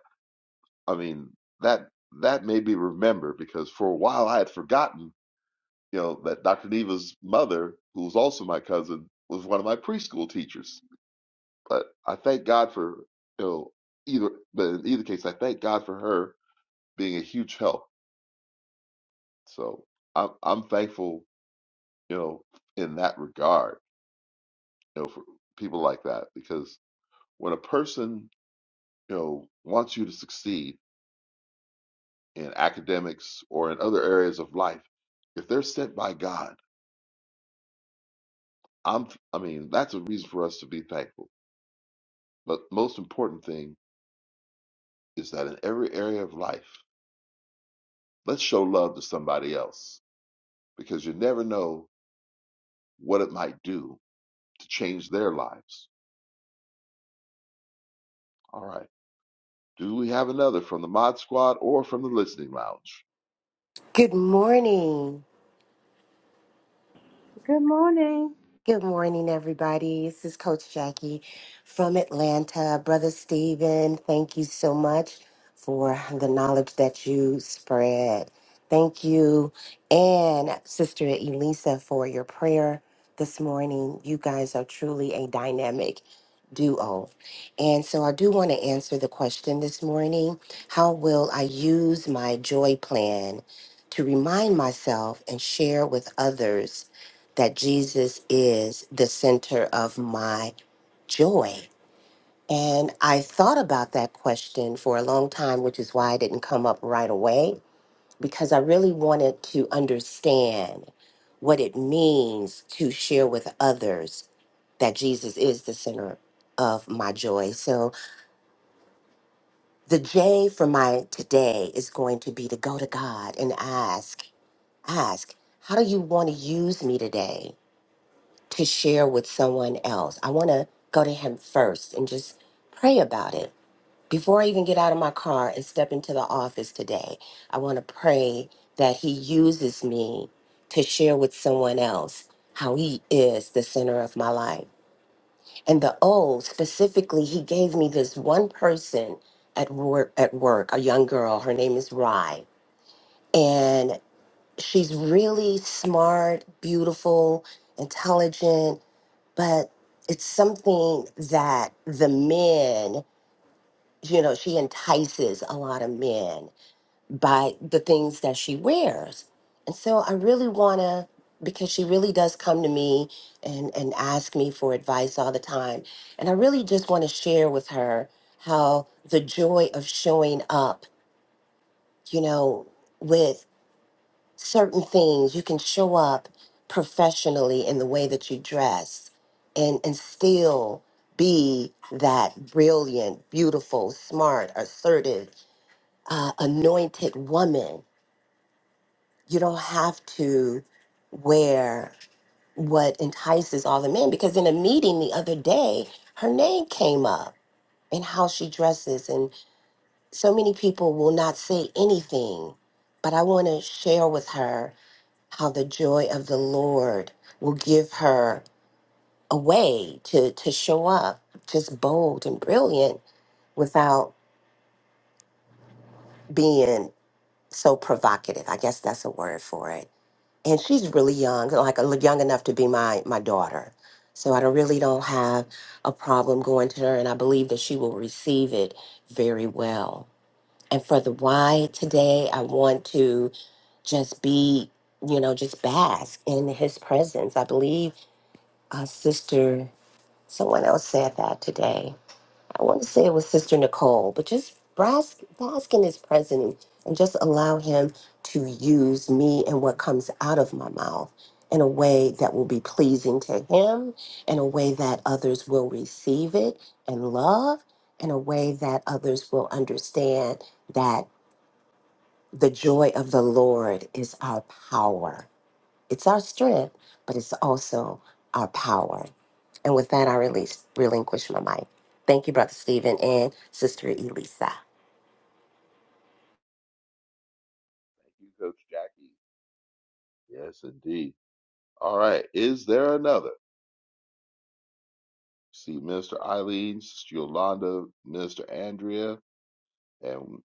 Speaker 4: I mean, that that made me remember because for a while I had forgotten you know, that Dr. Neva's mother, who was also my cousin, was one of my preschool teachers. But I thank God for, you know, either, but in either case, I thank God for her being a huge help. So I'm, I'm thankful, you know, in that regard, you know, for people like that, because when a person, you know, wants you to succeed in academics or in other areas of life, if they're sent by God, I'm, I mean, that's a reason for us to be thankful. But most important thing is that in every area of life, let's show love to somebody else because you never know what it might do to change their lives. All right. Do we have another from the Mod Squad or from the Listening Lounge?
Speaker 8: Good morning.
Speaker 6: Good morning.
Speaker 8: Good morning, everybody. This is Coach Jackie from Atlanta. Brother Stephen, thank you so much for the knowledge that you spread. Thank you. And Sister Elisa for your prayer this morning. You guys are truly a dynamic duo. And so I do want to answer the question this morning How will I use my joy plan to remind myself and share with others? that Jesus is the center of my joy. And I thought about that question for a long time, which is why I didn't come up right away, because I really wanted to understand what it means to share with others that Jesus is the center of my joy. So the J for my today is going to be to go to God and ask, ask, how do you want to use me today? to share with someone else. I want to go to him first and just pray about it. Before I even get out of my car and step into the office today, I want to pray that he uses me to share with someone else how he is the center of my life. And the O specifically, he gave me this one person at work, at work, a young girl. Her name is Rye. And she's really smart, beautiful, intelligent, but it's something that the men, you know, she entices a lot of men by the things that she wears. And so I really want to because she really does come to me and and ask me for advice all the time. And I really just want to share with her how the joy of showing up, you know, with certain things. You can show up professionally in the way that you dress and, and still be that brilliant, beautiful, smart, assertive, uh, anointed woman. You don't have to wear what entices all the men because in a meeting the other day, her name came up and how she dresses. And so many people will not say anything, but I want to share with her how the joy of the Lord will give her a way to, to show up just bold and brilliant without being so provocative. I guess that's a word for it. And she's really young, like uh, young enough to be my, my daughter. So I don't, really don't have a problem going to her, and I believe that she will receive it very well. And for the why today, I want to just be, you know, just bask in his presence. I believe uh, sister, someone else said that today. I want to say it was Sister Nicole, but just bask, bask in his presence and just allow him to use me and what comes out of my mouth in a way that will be pleasing to him, in a way that others will receive it and love, in a way that others will understand that the joy of the Lord is our power it's our strength, but it's also our power. And with that, I release, relinquish my mic. Thank you, Brother Stephen and Sister Elisa.
Speaker 4: Thank you, Coach Jackie. Yes, indeed. All right. Is there another? See, Minister Eileen, Sister Yolanda, Minister Andrea, and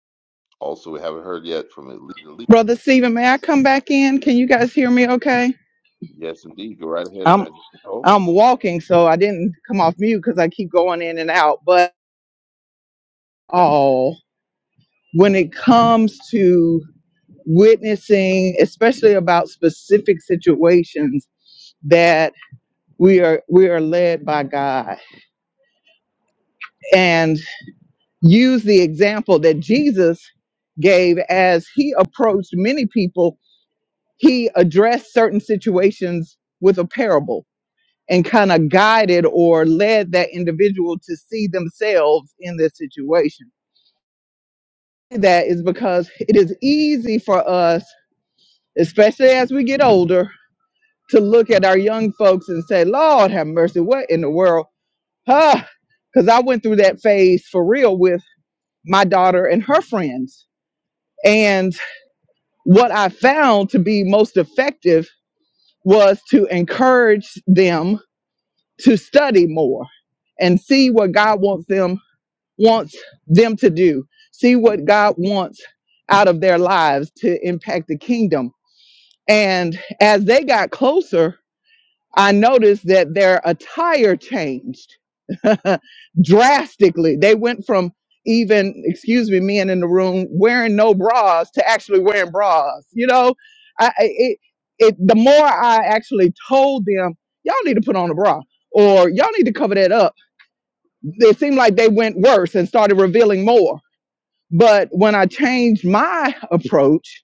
Speaker 4: also we haven't heard yet from Elite Lee.
Speaker 1: Brother Stephen, may I come back in? Can you guys hear me? Okay.
Speaker 4: Yes, indeed. Go right ahead,
Speaker 1: I'm
Speaker 4: Evangelist Nicole.
Speaker 1: I'm walking, so I didn't come off mute because I keep going in and out. But oh. when it comes to witnessing, especially about specific situations that we are we are led by God and use the example that that phase for real with my daughter and her friends. And what I found to be most effective was to encourage them to study more and see what God wants them wants them to do. See what God wants out of their lives to impact the kingdom. And as they got closer, I noticed that their attire changed (laughs) drastically. They went from even, excuse me, men in the room wearing no bras to actually wearing bras. You know, I, I- it, it, the more I actually told them, y'all need to put on a bra or y'all need to cover that up, it seemed like they went worse and started revealing more but when I changed my approach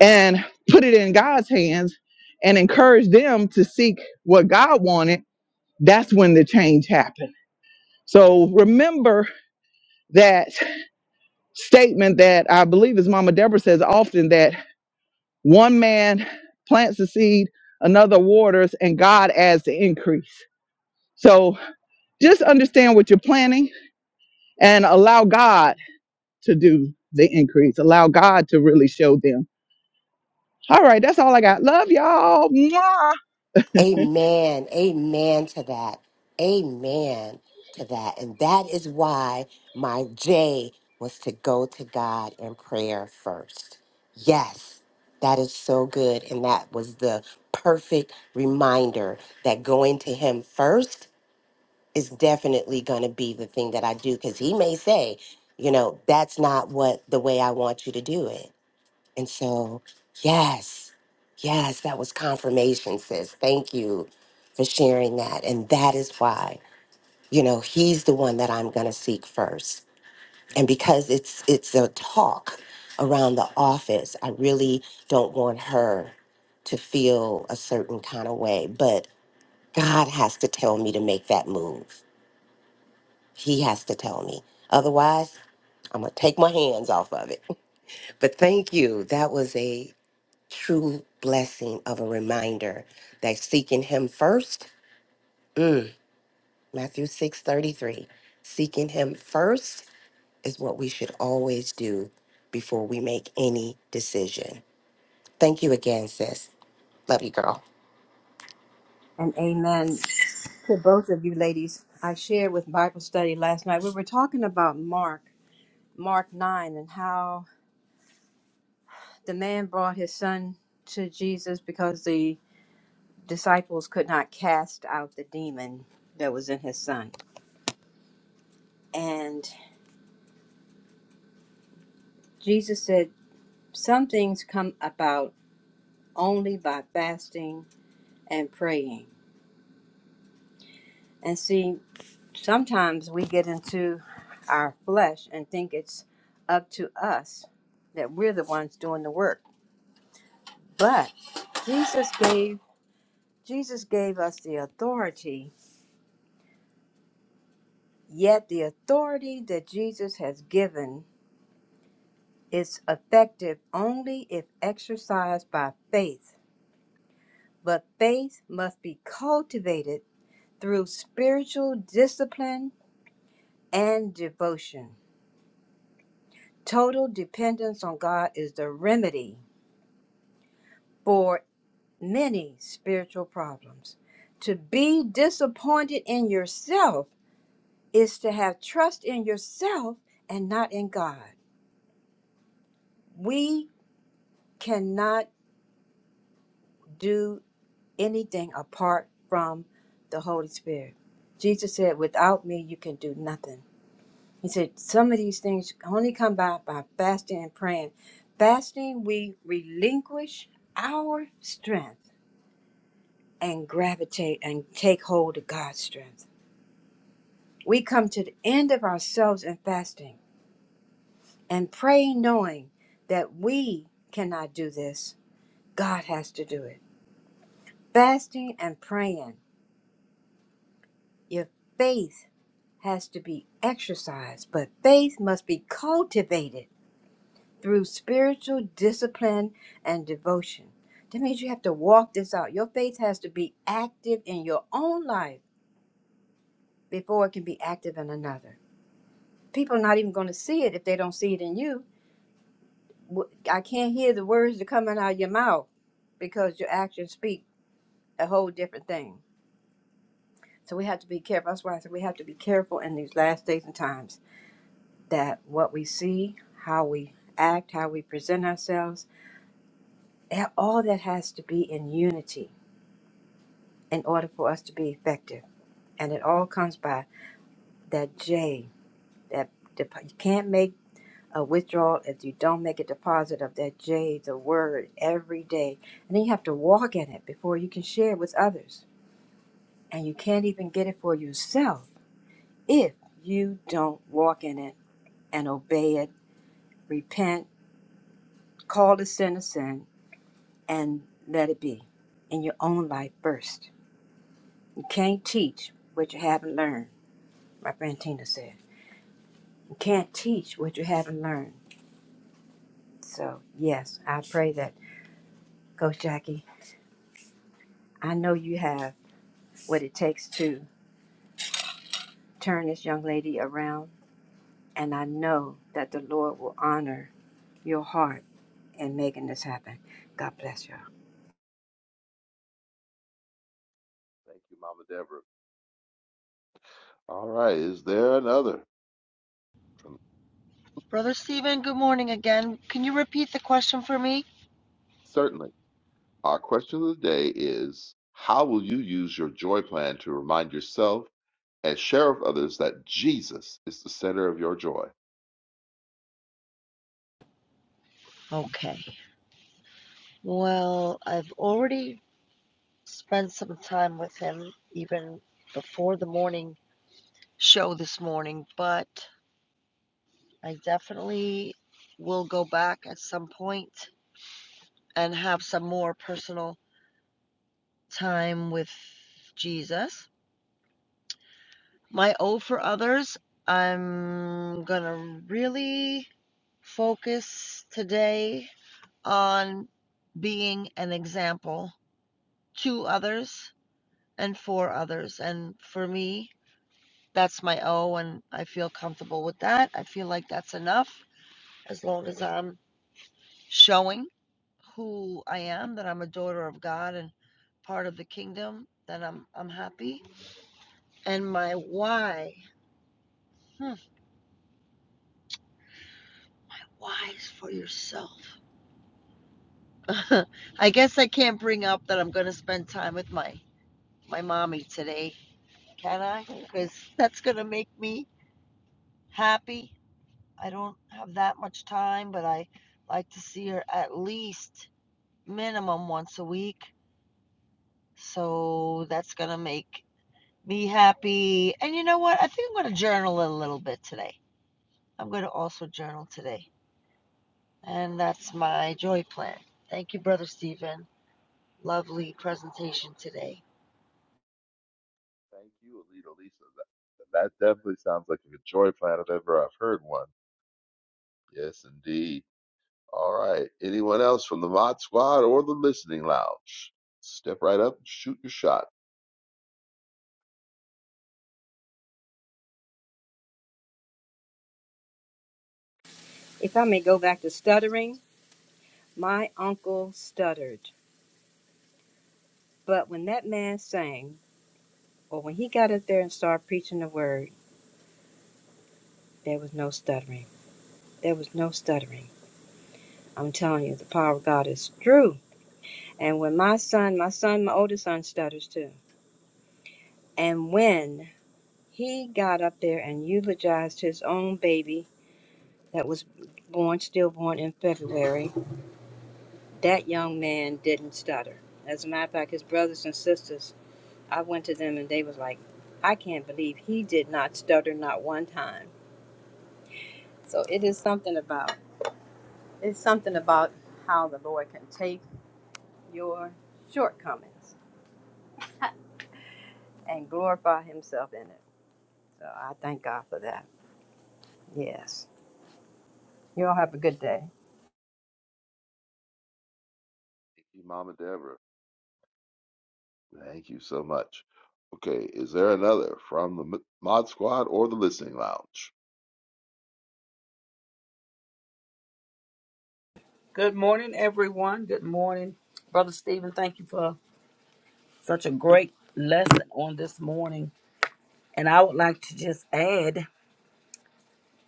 Speaker 1: and put it in God's hands and encouraged them to seek what God wanted, that's when the change happened. So remember that statement that I believe is Mama Deborah says often that one man plants the seed, another waters, and God adds the increase. So just understand what you're planning and allow God to do the increase. Allow God to really show them. All right, that's all I got. Love y'all. Mwah.
Speaker 8: Amen. Amen to that. Amen to that. And that is why my J was to go to God in prayer first. Yes, that is so good. And that was the perfect reminder that going to Him first is definitely going to be the thing that I do because he may say, you know, that's not what the way I want you to do it. And so, yes, yes, that was confirmation, sis. Thank you for sharing that. And that is why, you know, he's the one that I'm going to seek first. And because it's it's a talk around the office, I really don't want her to feel a certain kind of way, but God has to tell me to make that move he has to tell me. Otherwise, I'm going to take my hands off of it. (laughs) But thank you. That was a true blessing of a reminder that seeking him first, mm, Matthew 6:33, seeking him first is what we should always do before we make any decision. Thank you again, sis. Love you, girl.
Speaker 6: And amen. to both of you ladies. I shared with Bible study last night. We were talking about Mark, Mark 9, and how the man brought his son to Jesus because the disciples could not cast out the demon that was in his son. And Jesus said, Some things come about only by fasting and praying. And see, sometimes we get into our flesh and think it's up to us that we're the ones doing the work But Jesus gave Jesus gave us the authority, yet the authority that Jesus has given is effective only if exercised by faith. But faith must be cultivated through spiritual discipline and devotion. Total dependence on God is the remedy for many spiritual problems. To be disappointed in yourself is to have trust in yourself and not in God. We cannot do anything apart from the Holy Spirit. Jesus said, Without me, you can do nothing. He said, Some of these things only come by by fasting and praying. Fasting, we relinquish our strength and gravitate and take hold of God's strength. We come to the end of ourselves in fasting and praying, knowing that we cannot do this God has to do it. Fasting and praying. Your faith has to be exercised, but faith must be cultivated through spiritual discipline and devotion. That means you have to walk this out. Your faith has to be active in your own life before it can be active in another. People are not even going to see it if they don't see it in you. W- I can't hear the words that are coming out of your mouth because your actions speak a whole different thing So we have to be careful. That's why I said we have to be careful in these last days and times that what we see, how we act, how we present ourselves, eh, all that has to be in unity in order for us to be effective. And it all comes by that J. That dep- you can't make a withdrawal if you don't make a deposit of that J, the word, every day. And then you have to walk in it before you can share it with others. And you can't even get it for yourself if you don't walk in it and obey it repent, call the sin a sin, and let it be in your own life first. You can't teach what you haven't learned, my friend Tina said. You can't teach what you haven't learned. So, yes, I pray that, Coach Jackie, I know you have what it takes to turn this young lady around, and I know that the Lord will honor your heart in making this happen. God bless y'all.
Speaker 4: Thank you, Mama Deborah. All right. Is there another?
Speaker 3: Brother Stephen, good morning again. Can you repeat the question for me?
Speaker 4: certainly. Our question of the day is How will you use your joy plan to remind yourself and share with others that Jesus is the center of your joy?
Speaker 3: Okay. Well, I've already spent some time with him even before the morning show this morning, but I definitely will go back at some point and have some more personal time with Jesus. My O for others, I'm going to really focus today on being an example to others and for others. And for me, that's my O, and I feel comfortable with that. I feel like that's enough as long as I'm showing. who I am, that I'm a daughter of God and part of the kingdom, that I'm I'm happy. And my why, hmm, why is for yourself. (laughs) I guess I can't bring up that I'm going to spend time with my my mommy today, can I? Because that's going to make me happy. I don't have that much time, but I like to see her at least minimum once a week. So that's going to make be happy. And you know what? I think I'm going to journal a little bit today. I'm going to also journal today. And that's my joy plan. Thank you, Brother Stephen. Lovely presentation today.
Speaker 4: Thank you, Alita Lisa. That, that definitely sounds like a joy plan if ever I've heard one. Yes, indeed. All right. Anyone else from the Mod Squad or the Listening Lounge? Step right up and shoot your shot.
Speaker 6: If I may go back to stuttering, my uncle stuttered, but when that man sang, But when he got up there and started preaching the word, there was no stuttering. There was no stuttering. I'm telling you, the power of God is true. And when my son, my son, my oldest son stutters too. And when he got up there and eulogized his own baby that was born, stillborn in February, that young man didn't stutter. As a matter of fact, his brothers and sisters, I went to them and they was like, I can't believe he did not stutter not one time. So it is something about It's something about how the Lord can take your shortcomings and glorify Himself in it. So I thank God for that. Yes. You all have a good day.
Speaker 4: Thank you, Mama Deborah. Thank you so much. Okay, is there another from the M- Mod Squad or the Listening Lounge?
Speaker 9: Good morning, everyone. Good morning, Brother Stephen. Thank you for such a great lesson on this morning. And I would like to just add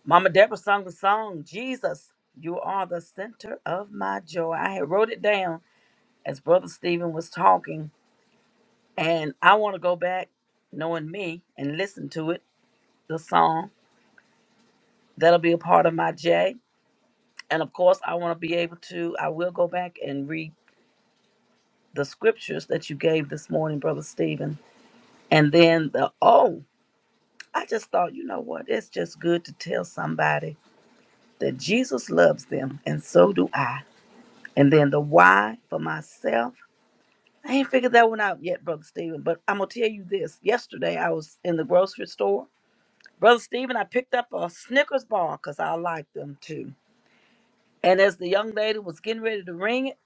Speaker 9: Mama Deborah sung the song, Jesus, you are the center of my joy. I had wrote it down as Brother Stephen was talking. And I want to go back, knowing me, and listen to it, the song. That'll be a part of my J. And of course, I want to be able to, I will go back and read the scriptures that you gave this morning, Brother Stephen And then the oh, I just thought, you know what? It's just good to tell somebody that Jesus loves them, and so do I. And then the why for myself. I ain't figured that one out yet, Brother Stephen, but I'm going to tell you this. Yesterday, I was in the grocery store. Brother Stephen, I picked up a Snickers bar because I like them too. And as the young lady was getting ready to ring it,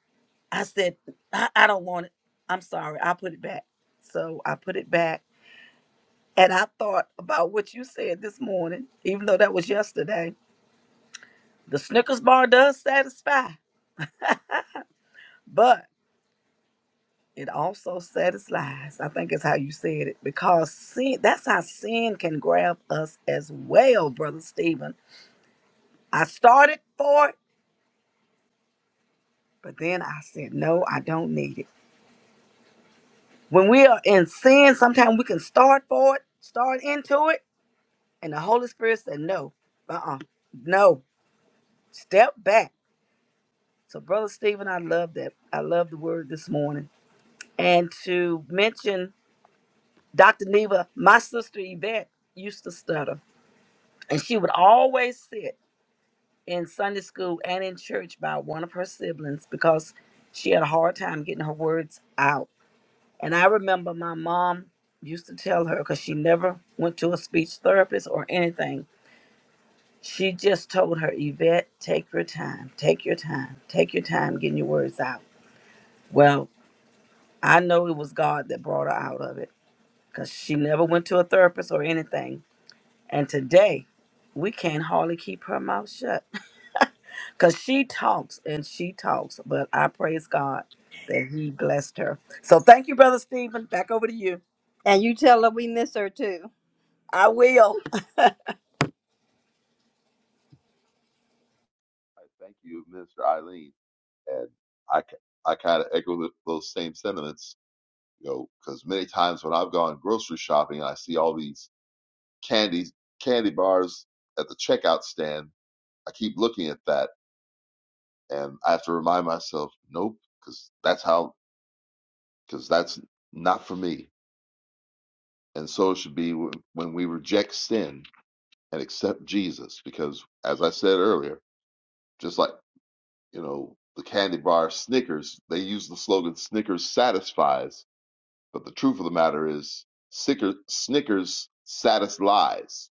Speaker 9: I said, I, I don't want it. I'm sorry. I'll put it back. So I put it back And I thought about what you said this morning, even though that was yesterday. The Snickers bar does satisfy, but it also satisfies. I think is how you said it because sin, that's how sin can grab us as well, Brother Stephen. I started for it, but then I said, no, I don't need it. When we are in sin, sometimes we can start for it, start into it, and the Holy Spirit said, no, uh uh, no, step back. So, Brother Stephen, I love that. I love the word this morning. And to mention Dr. Neva, my sister Yvette used to stutter, and she would always sit in Sunday school and in church by one of her siblings because she had a hard time getting her words out. And I remember my mom used to tell her because she never went to a speech therapist or anything. She just told her, Yvette, take your time, take your time, take your time getting your words out. Well, I know it was God that brought her out of it because she never went to a therapist or anything. And today, we can hardly keep her mouth shut (laughs) because she talks and she talks. But I praise God that He blessed her. So thank you, Brother Stephen. Back over to you.
Speaker 6: And you tell her we miss her too.
Speaker 9: I will.
Speaker 4: I thank you, Mr. Eileen. and I c- I kind of echo th those same sentiments, you know, because many times when I've gone grocery shopping and I see all these candies, candy bars at the checkout stand, I keep looking at that and I have to remind myself, nope, because that's how, because that's not for me. And so it should be wh- when we reject sin and accept Jesus, because as I said earlier, just like you know the candy bar Snickers, they use the slogan "Snickers satisfies." But the truth of the matter is, Snicker, Snickers saddest lies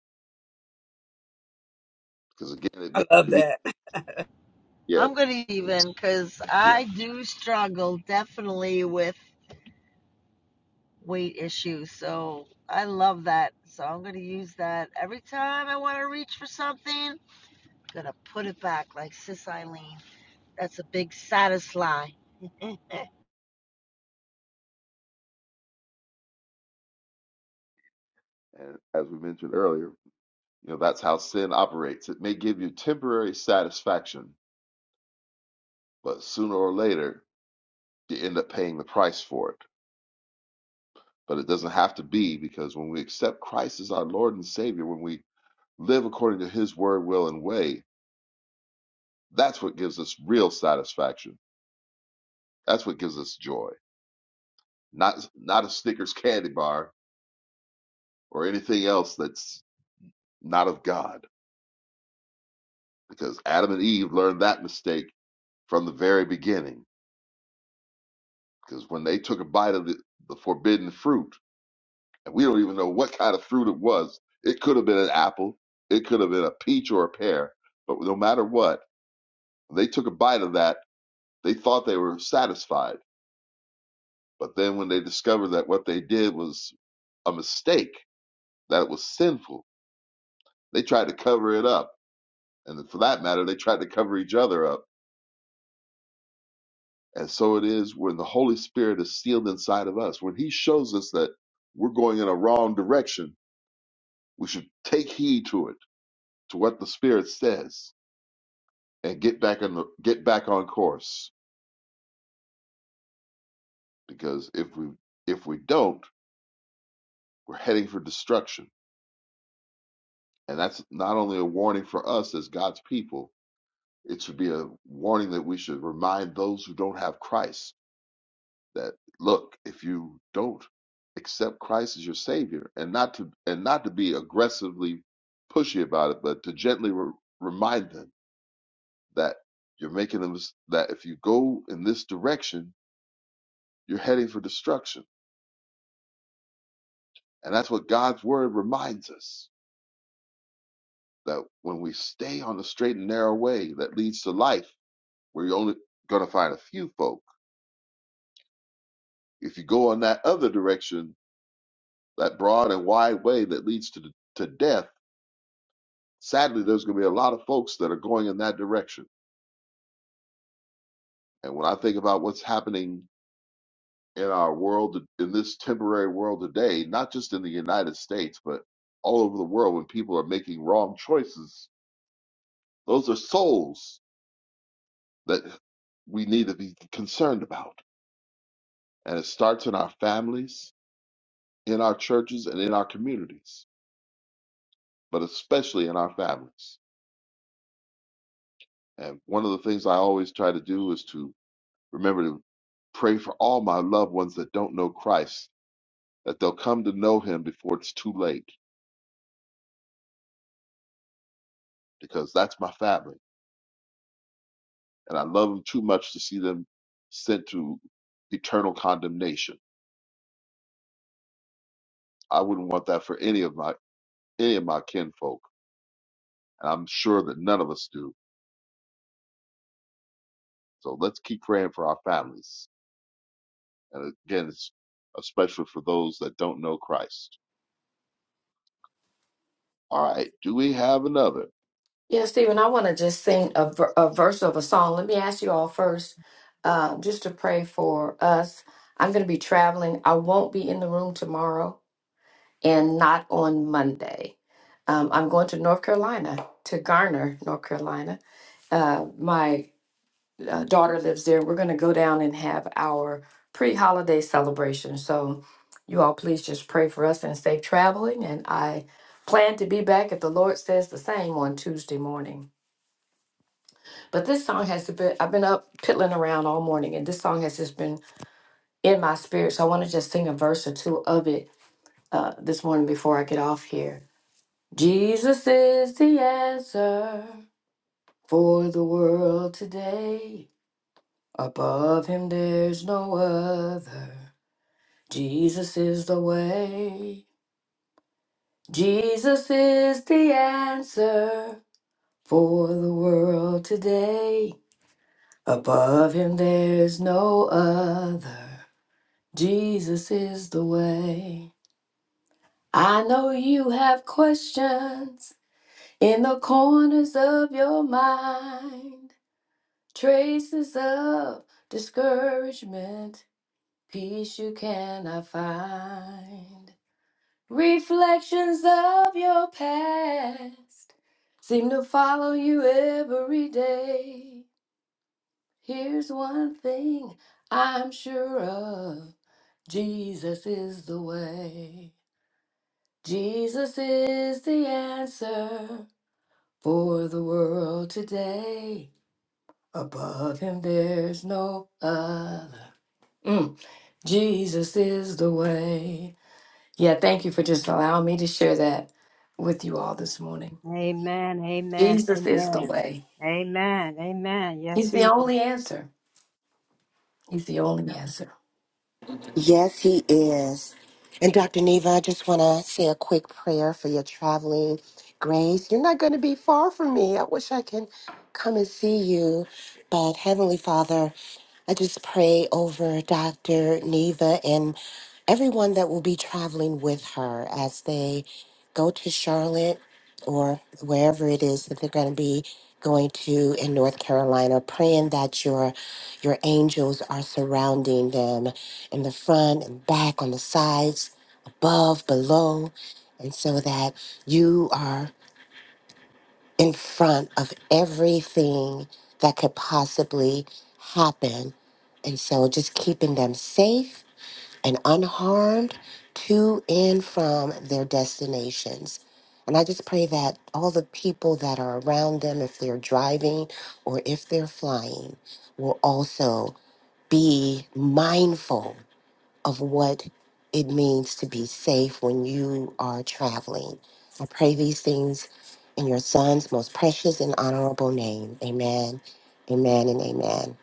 Speaker 4: because again, it
Speaker 9: (laughs)
Speaker 4: may
Speaker 9: I love
Speaker 4: give you
Speaker 9: that.
Speaker 4: yeah,
Speaker 3: I'm going to even because
Speaker 4: yeah.
Speaker 3: I do struggle definitely with weight issues. So I love that. So I'm going to use that every time I want to reach for something. I'm going to put it back like Sis Eileen. That's a big satisfy.
Speaker 4: And as we mentioned earlier, you know that's how sin operates. It may give you temporary satisfaction, but sooner or later you end up paying the price for it. But it doesn't have to be because when we accept Christ as our Lord and Savior, when we live according to His word, will, and way, that's what gives us real satisfaction. That's what gives us joy. Not not a Snickers candy bar or anything else that's not of God. Because Adam and Eve learned that mistake from the very beginning. Because when they took a bite of the, the forbidden fruit, and we don't even know what kind of fruit it was, it could have been an apple, it could have been a peach or a pear, but no matter what, they took a bite of that, they thought they were satisfied. But then when they discovered that what they did was a mistake, that it was sinful, they tried to cover it up. And for that matter, they tried to cover each other up And so it is when the Holy Spirit is sealed inside of us. When He shows us that we're going in a wrong direction, we should take heed to it, to what the Spirit says, and get back on the, get back on course. Because if we if we don't, we're heading for destruction. And that's not only a warning for us as God's people; it should be a warning that we should remind those who don't have Christ that look if you don't accept christ as your savior and not to and not to be aggressively pushy about it but to gently re- remind them that you're making them that if you go in this direction you're heading for destruction and that's what god's word reminds us that when we stay on the straight and narrow way that leads to life where you're only going to find a few folk if you go on that other direction that broad and wide way that leads to to death sadly, there's going to be a lot of folks that are going in that direction. And when I think about what's happening in our world, in this temporary world today, not just in the United States, but all over the world, when people are making wrong choices, those are souls that we need to be concerned about. And it starts in our families, in our churches, and in our communities, but especially in our families. And one of the things I always try to do is to remember to pray for all my loved ones that don't know Christ that they'll come to know him before it's too late because that's my family and I love them too much to see them sent to eternal condemnation. I wouldn't want that for any of my any of my kinfolk, and I'm sure that none of us do. So let's keep praying for our families. And again, it's especially for those that don't know Christ. All right, do we have another?
Speaker 7: Yeah, Stephen, I want to just sing a, ver- a verse of a song. Let me ask you all first, uh, just to pray for us. I'm going to be traveling. I won't be in the room tomorrow. and not on Monday. Um, I'm going to North Carolina, to Garner, North Carolina. Uh, my uh, daughter lives there. We're going to go down and have our pre holiday celebration. So, you all please just pray for us and safe traveling. And I plan to be back if the Lord says the same on Tuesday morning. But this song has been, I've been up piddling around all morning, and this song has just been in my spirit. So, I want to just sing a verse or two of it uh, this morning before I get off here. Jesus is the answer for the world today. Above him, there's no other. Jesus is the way. Jesus is the answer for the world today. Above him, there's no other. Jesus is the way. I know you have questions in the corners of your mind. Traces of discouragement, peace you cannot find. Reflections of your past seem to follow you every day. Here's one thing I'm sure of Jesus is the way. Jesus is the answer for the world today. Above him, there's no other. Mm. Jesus is the way. Yeah, thank you for just allowing me to share that with you all this morning.
Speaker 6: Amen. Amen.
Speaker 7: Jesus is the
Speaker 6: Amen.
Speaker 7: way.
Speaker 6: Amen. Amen. Yes,
Speaker 7: He's the
Speaker 6: He is.
Speaker 7: only answer. He's the only answer.
Speaker 8: Yes, he is. And Dr. Neva, I just want to say a quick prayer for your traveling grace. You're not going to be far from me. I wish I can come and see you. But Heavenly Father, I just pray over Dr. Neva and everyone that will be traveling with her as they go to Charlotte or wherever it is that they're going to be going to in North Carolina, praying that your your angels are surrounding them in the front and back, on the sides, above, below, and so that you are in front of everything that could possibly happen. And so just keeping them safe and unharmed to and from their destinations. And I just pray that all the people that are around them, if they're driving or if they're flying, will also be mindful of what it means to be safe when you are traveling. I pray these things in your son's most precious and honorable name. Amen. Amen and amen.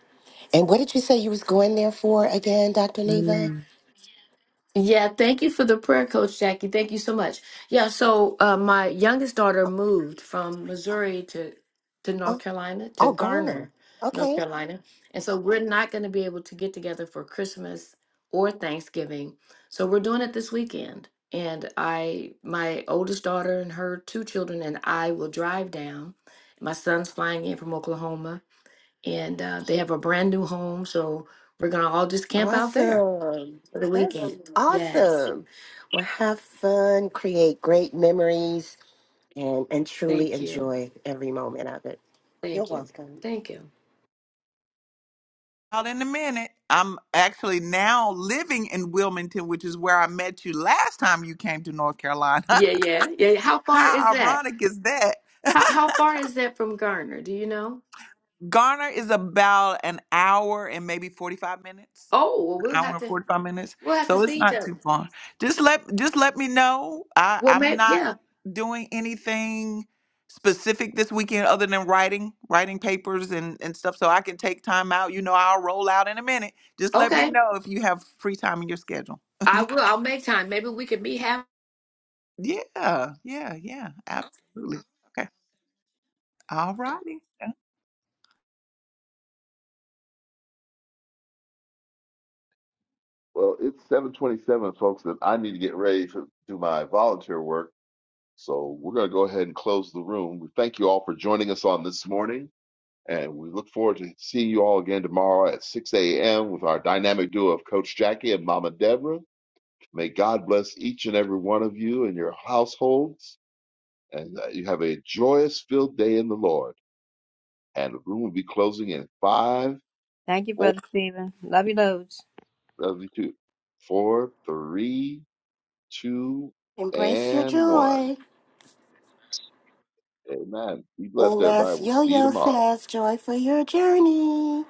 Speaker 8: And what did you say you was going there for again, Dr. Neva?
Speaker 6: Amen.
Speaker 7: Yeah, thank you for the prayer, Coach Jackie. Thank you so much. Yeah, so uh, my youngest daughter moved from Missouri to to North Carolina to
Speaker 8: Oh, Ghana.
Speaker 7: Garner, North
Speaker 8: Okay.
Speaker 7: Carolina, and so we're not going to be able to get together for Christmas or Thanksgiving. So we're doing it this weekend, and I, my oldest daughter and her two children, and I will drive down. My son's flying in from Oklahoma, and uh, they have a brand new home, so we're gonna all just camp out there
Speaker 8: Awesome.
Speaker 7: for the
Speaker 8: That's
Speaker 7: weekend. Yes.
Speaker 8: awesome. Well, have fun, create great memories, and, and truly
Speaker 7: Thank you.
Speaker 8: enjoy every moment of it. You're
Speaker 7: Thank you.
Speaker 8: welcome.
Speaker 7: Thank you. Yeah, yeah, yeah. yeah. How far is that? How how far is that from Garner? Do you know? Oh, well, we'll have to we'll have to see each other. Well, maybe yeah. Okay, I will. I'll make time. Maybe we can meet halfway.
Speaker 4: Well, it's 7:27, folks, and I need to get ready to do my volunteer work. So we're going to go ahead and close the room. We thank you all for joining us on this morning, and we look forward to seeing you all again tomorrow at 6 a.m. with our dynamic duo of Coach Jackie and Mama Deborah. May God bless each and every one of you and your households, and that you have a joyous filled day in the Lord. And the room will be closing in five,
Speaker 6: Thank you,
Speaker 4: four,
Speaker 6: Brother Stephen. Love you loads.
Speaker 4: two, four, three, two,
Speaker 8: Embrace your
Speaker 4: and one.
Speaker 8: joy.
Speaker 4: Amen. Be blessed,
Speaker 8: And
Speaker 4: everybody.
Speaker 8: as
Speaker 4: We'll
Speaker 8: Yo
Speaker 4: see you
Speaker 8: Yo
Speaker 4: tomorrow.
Speaker 8: says, joy for your journey.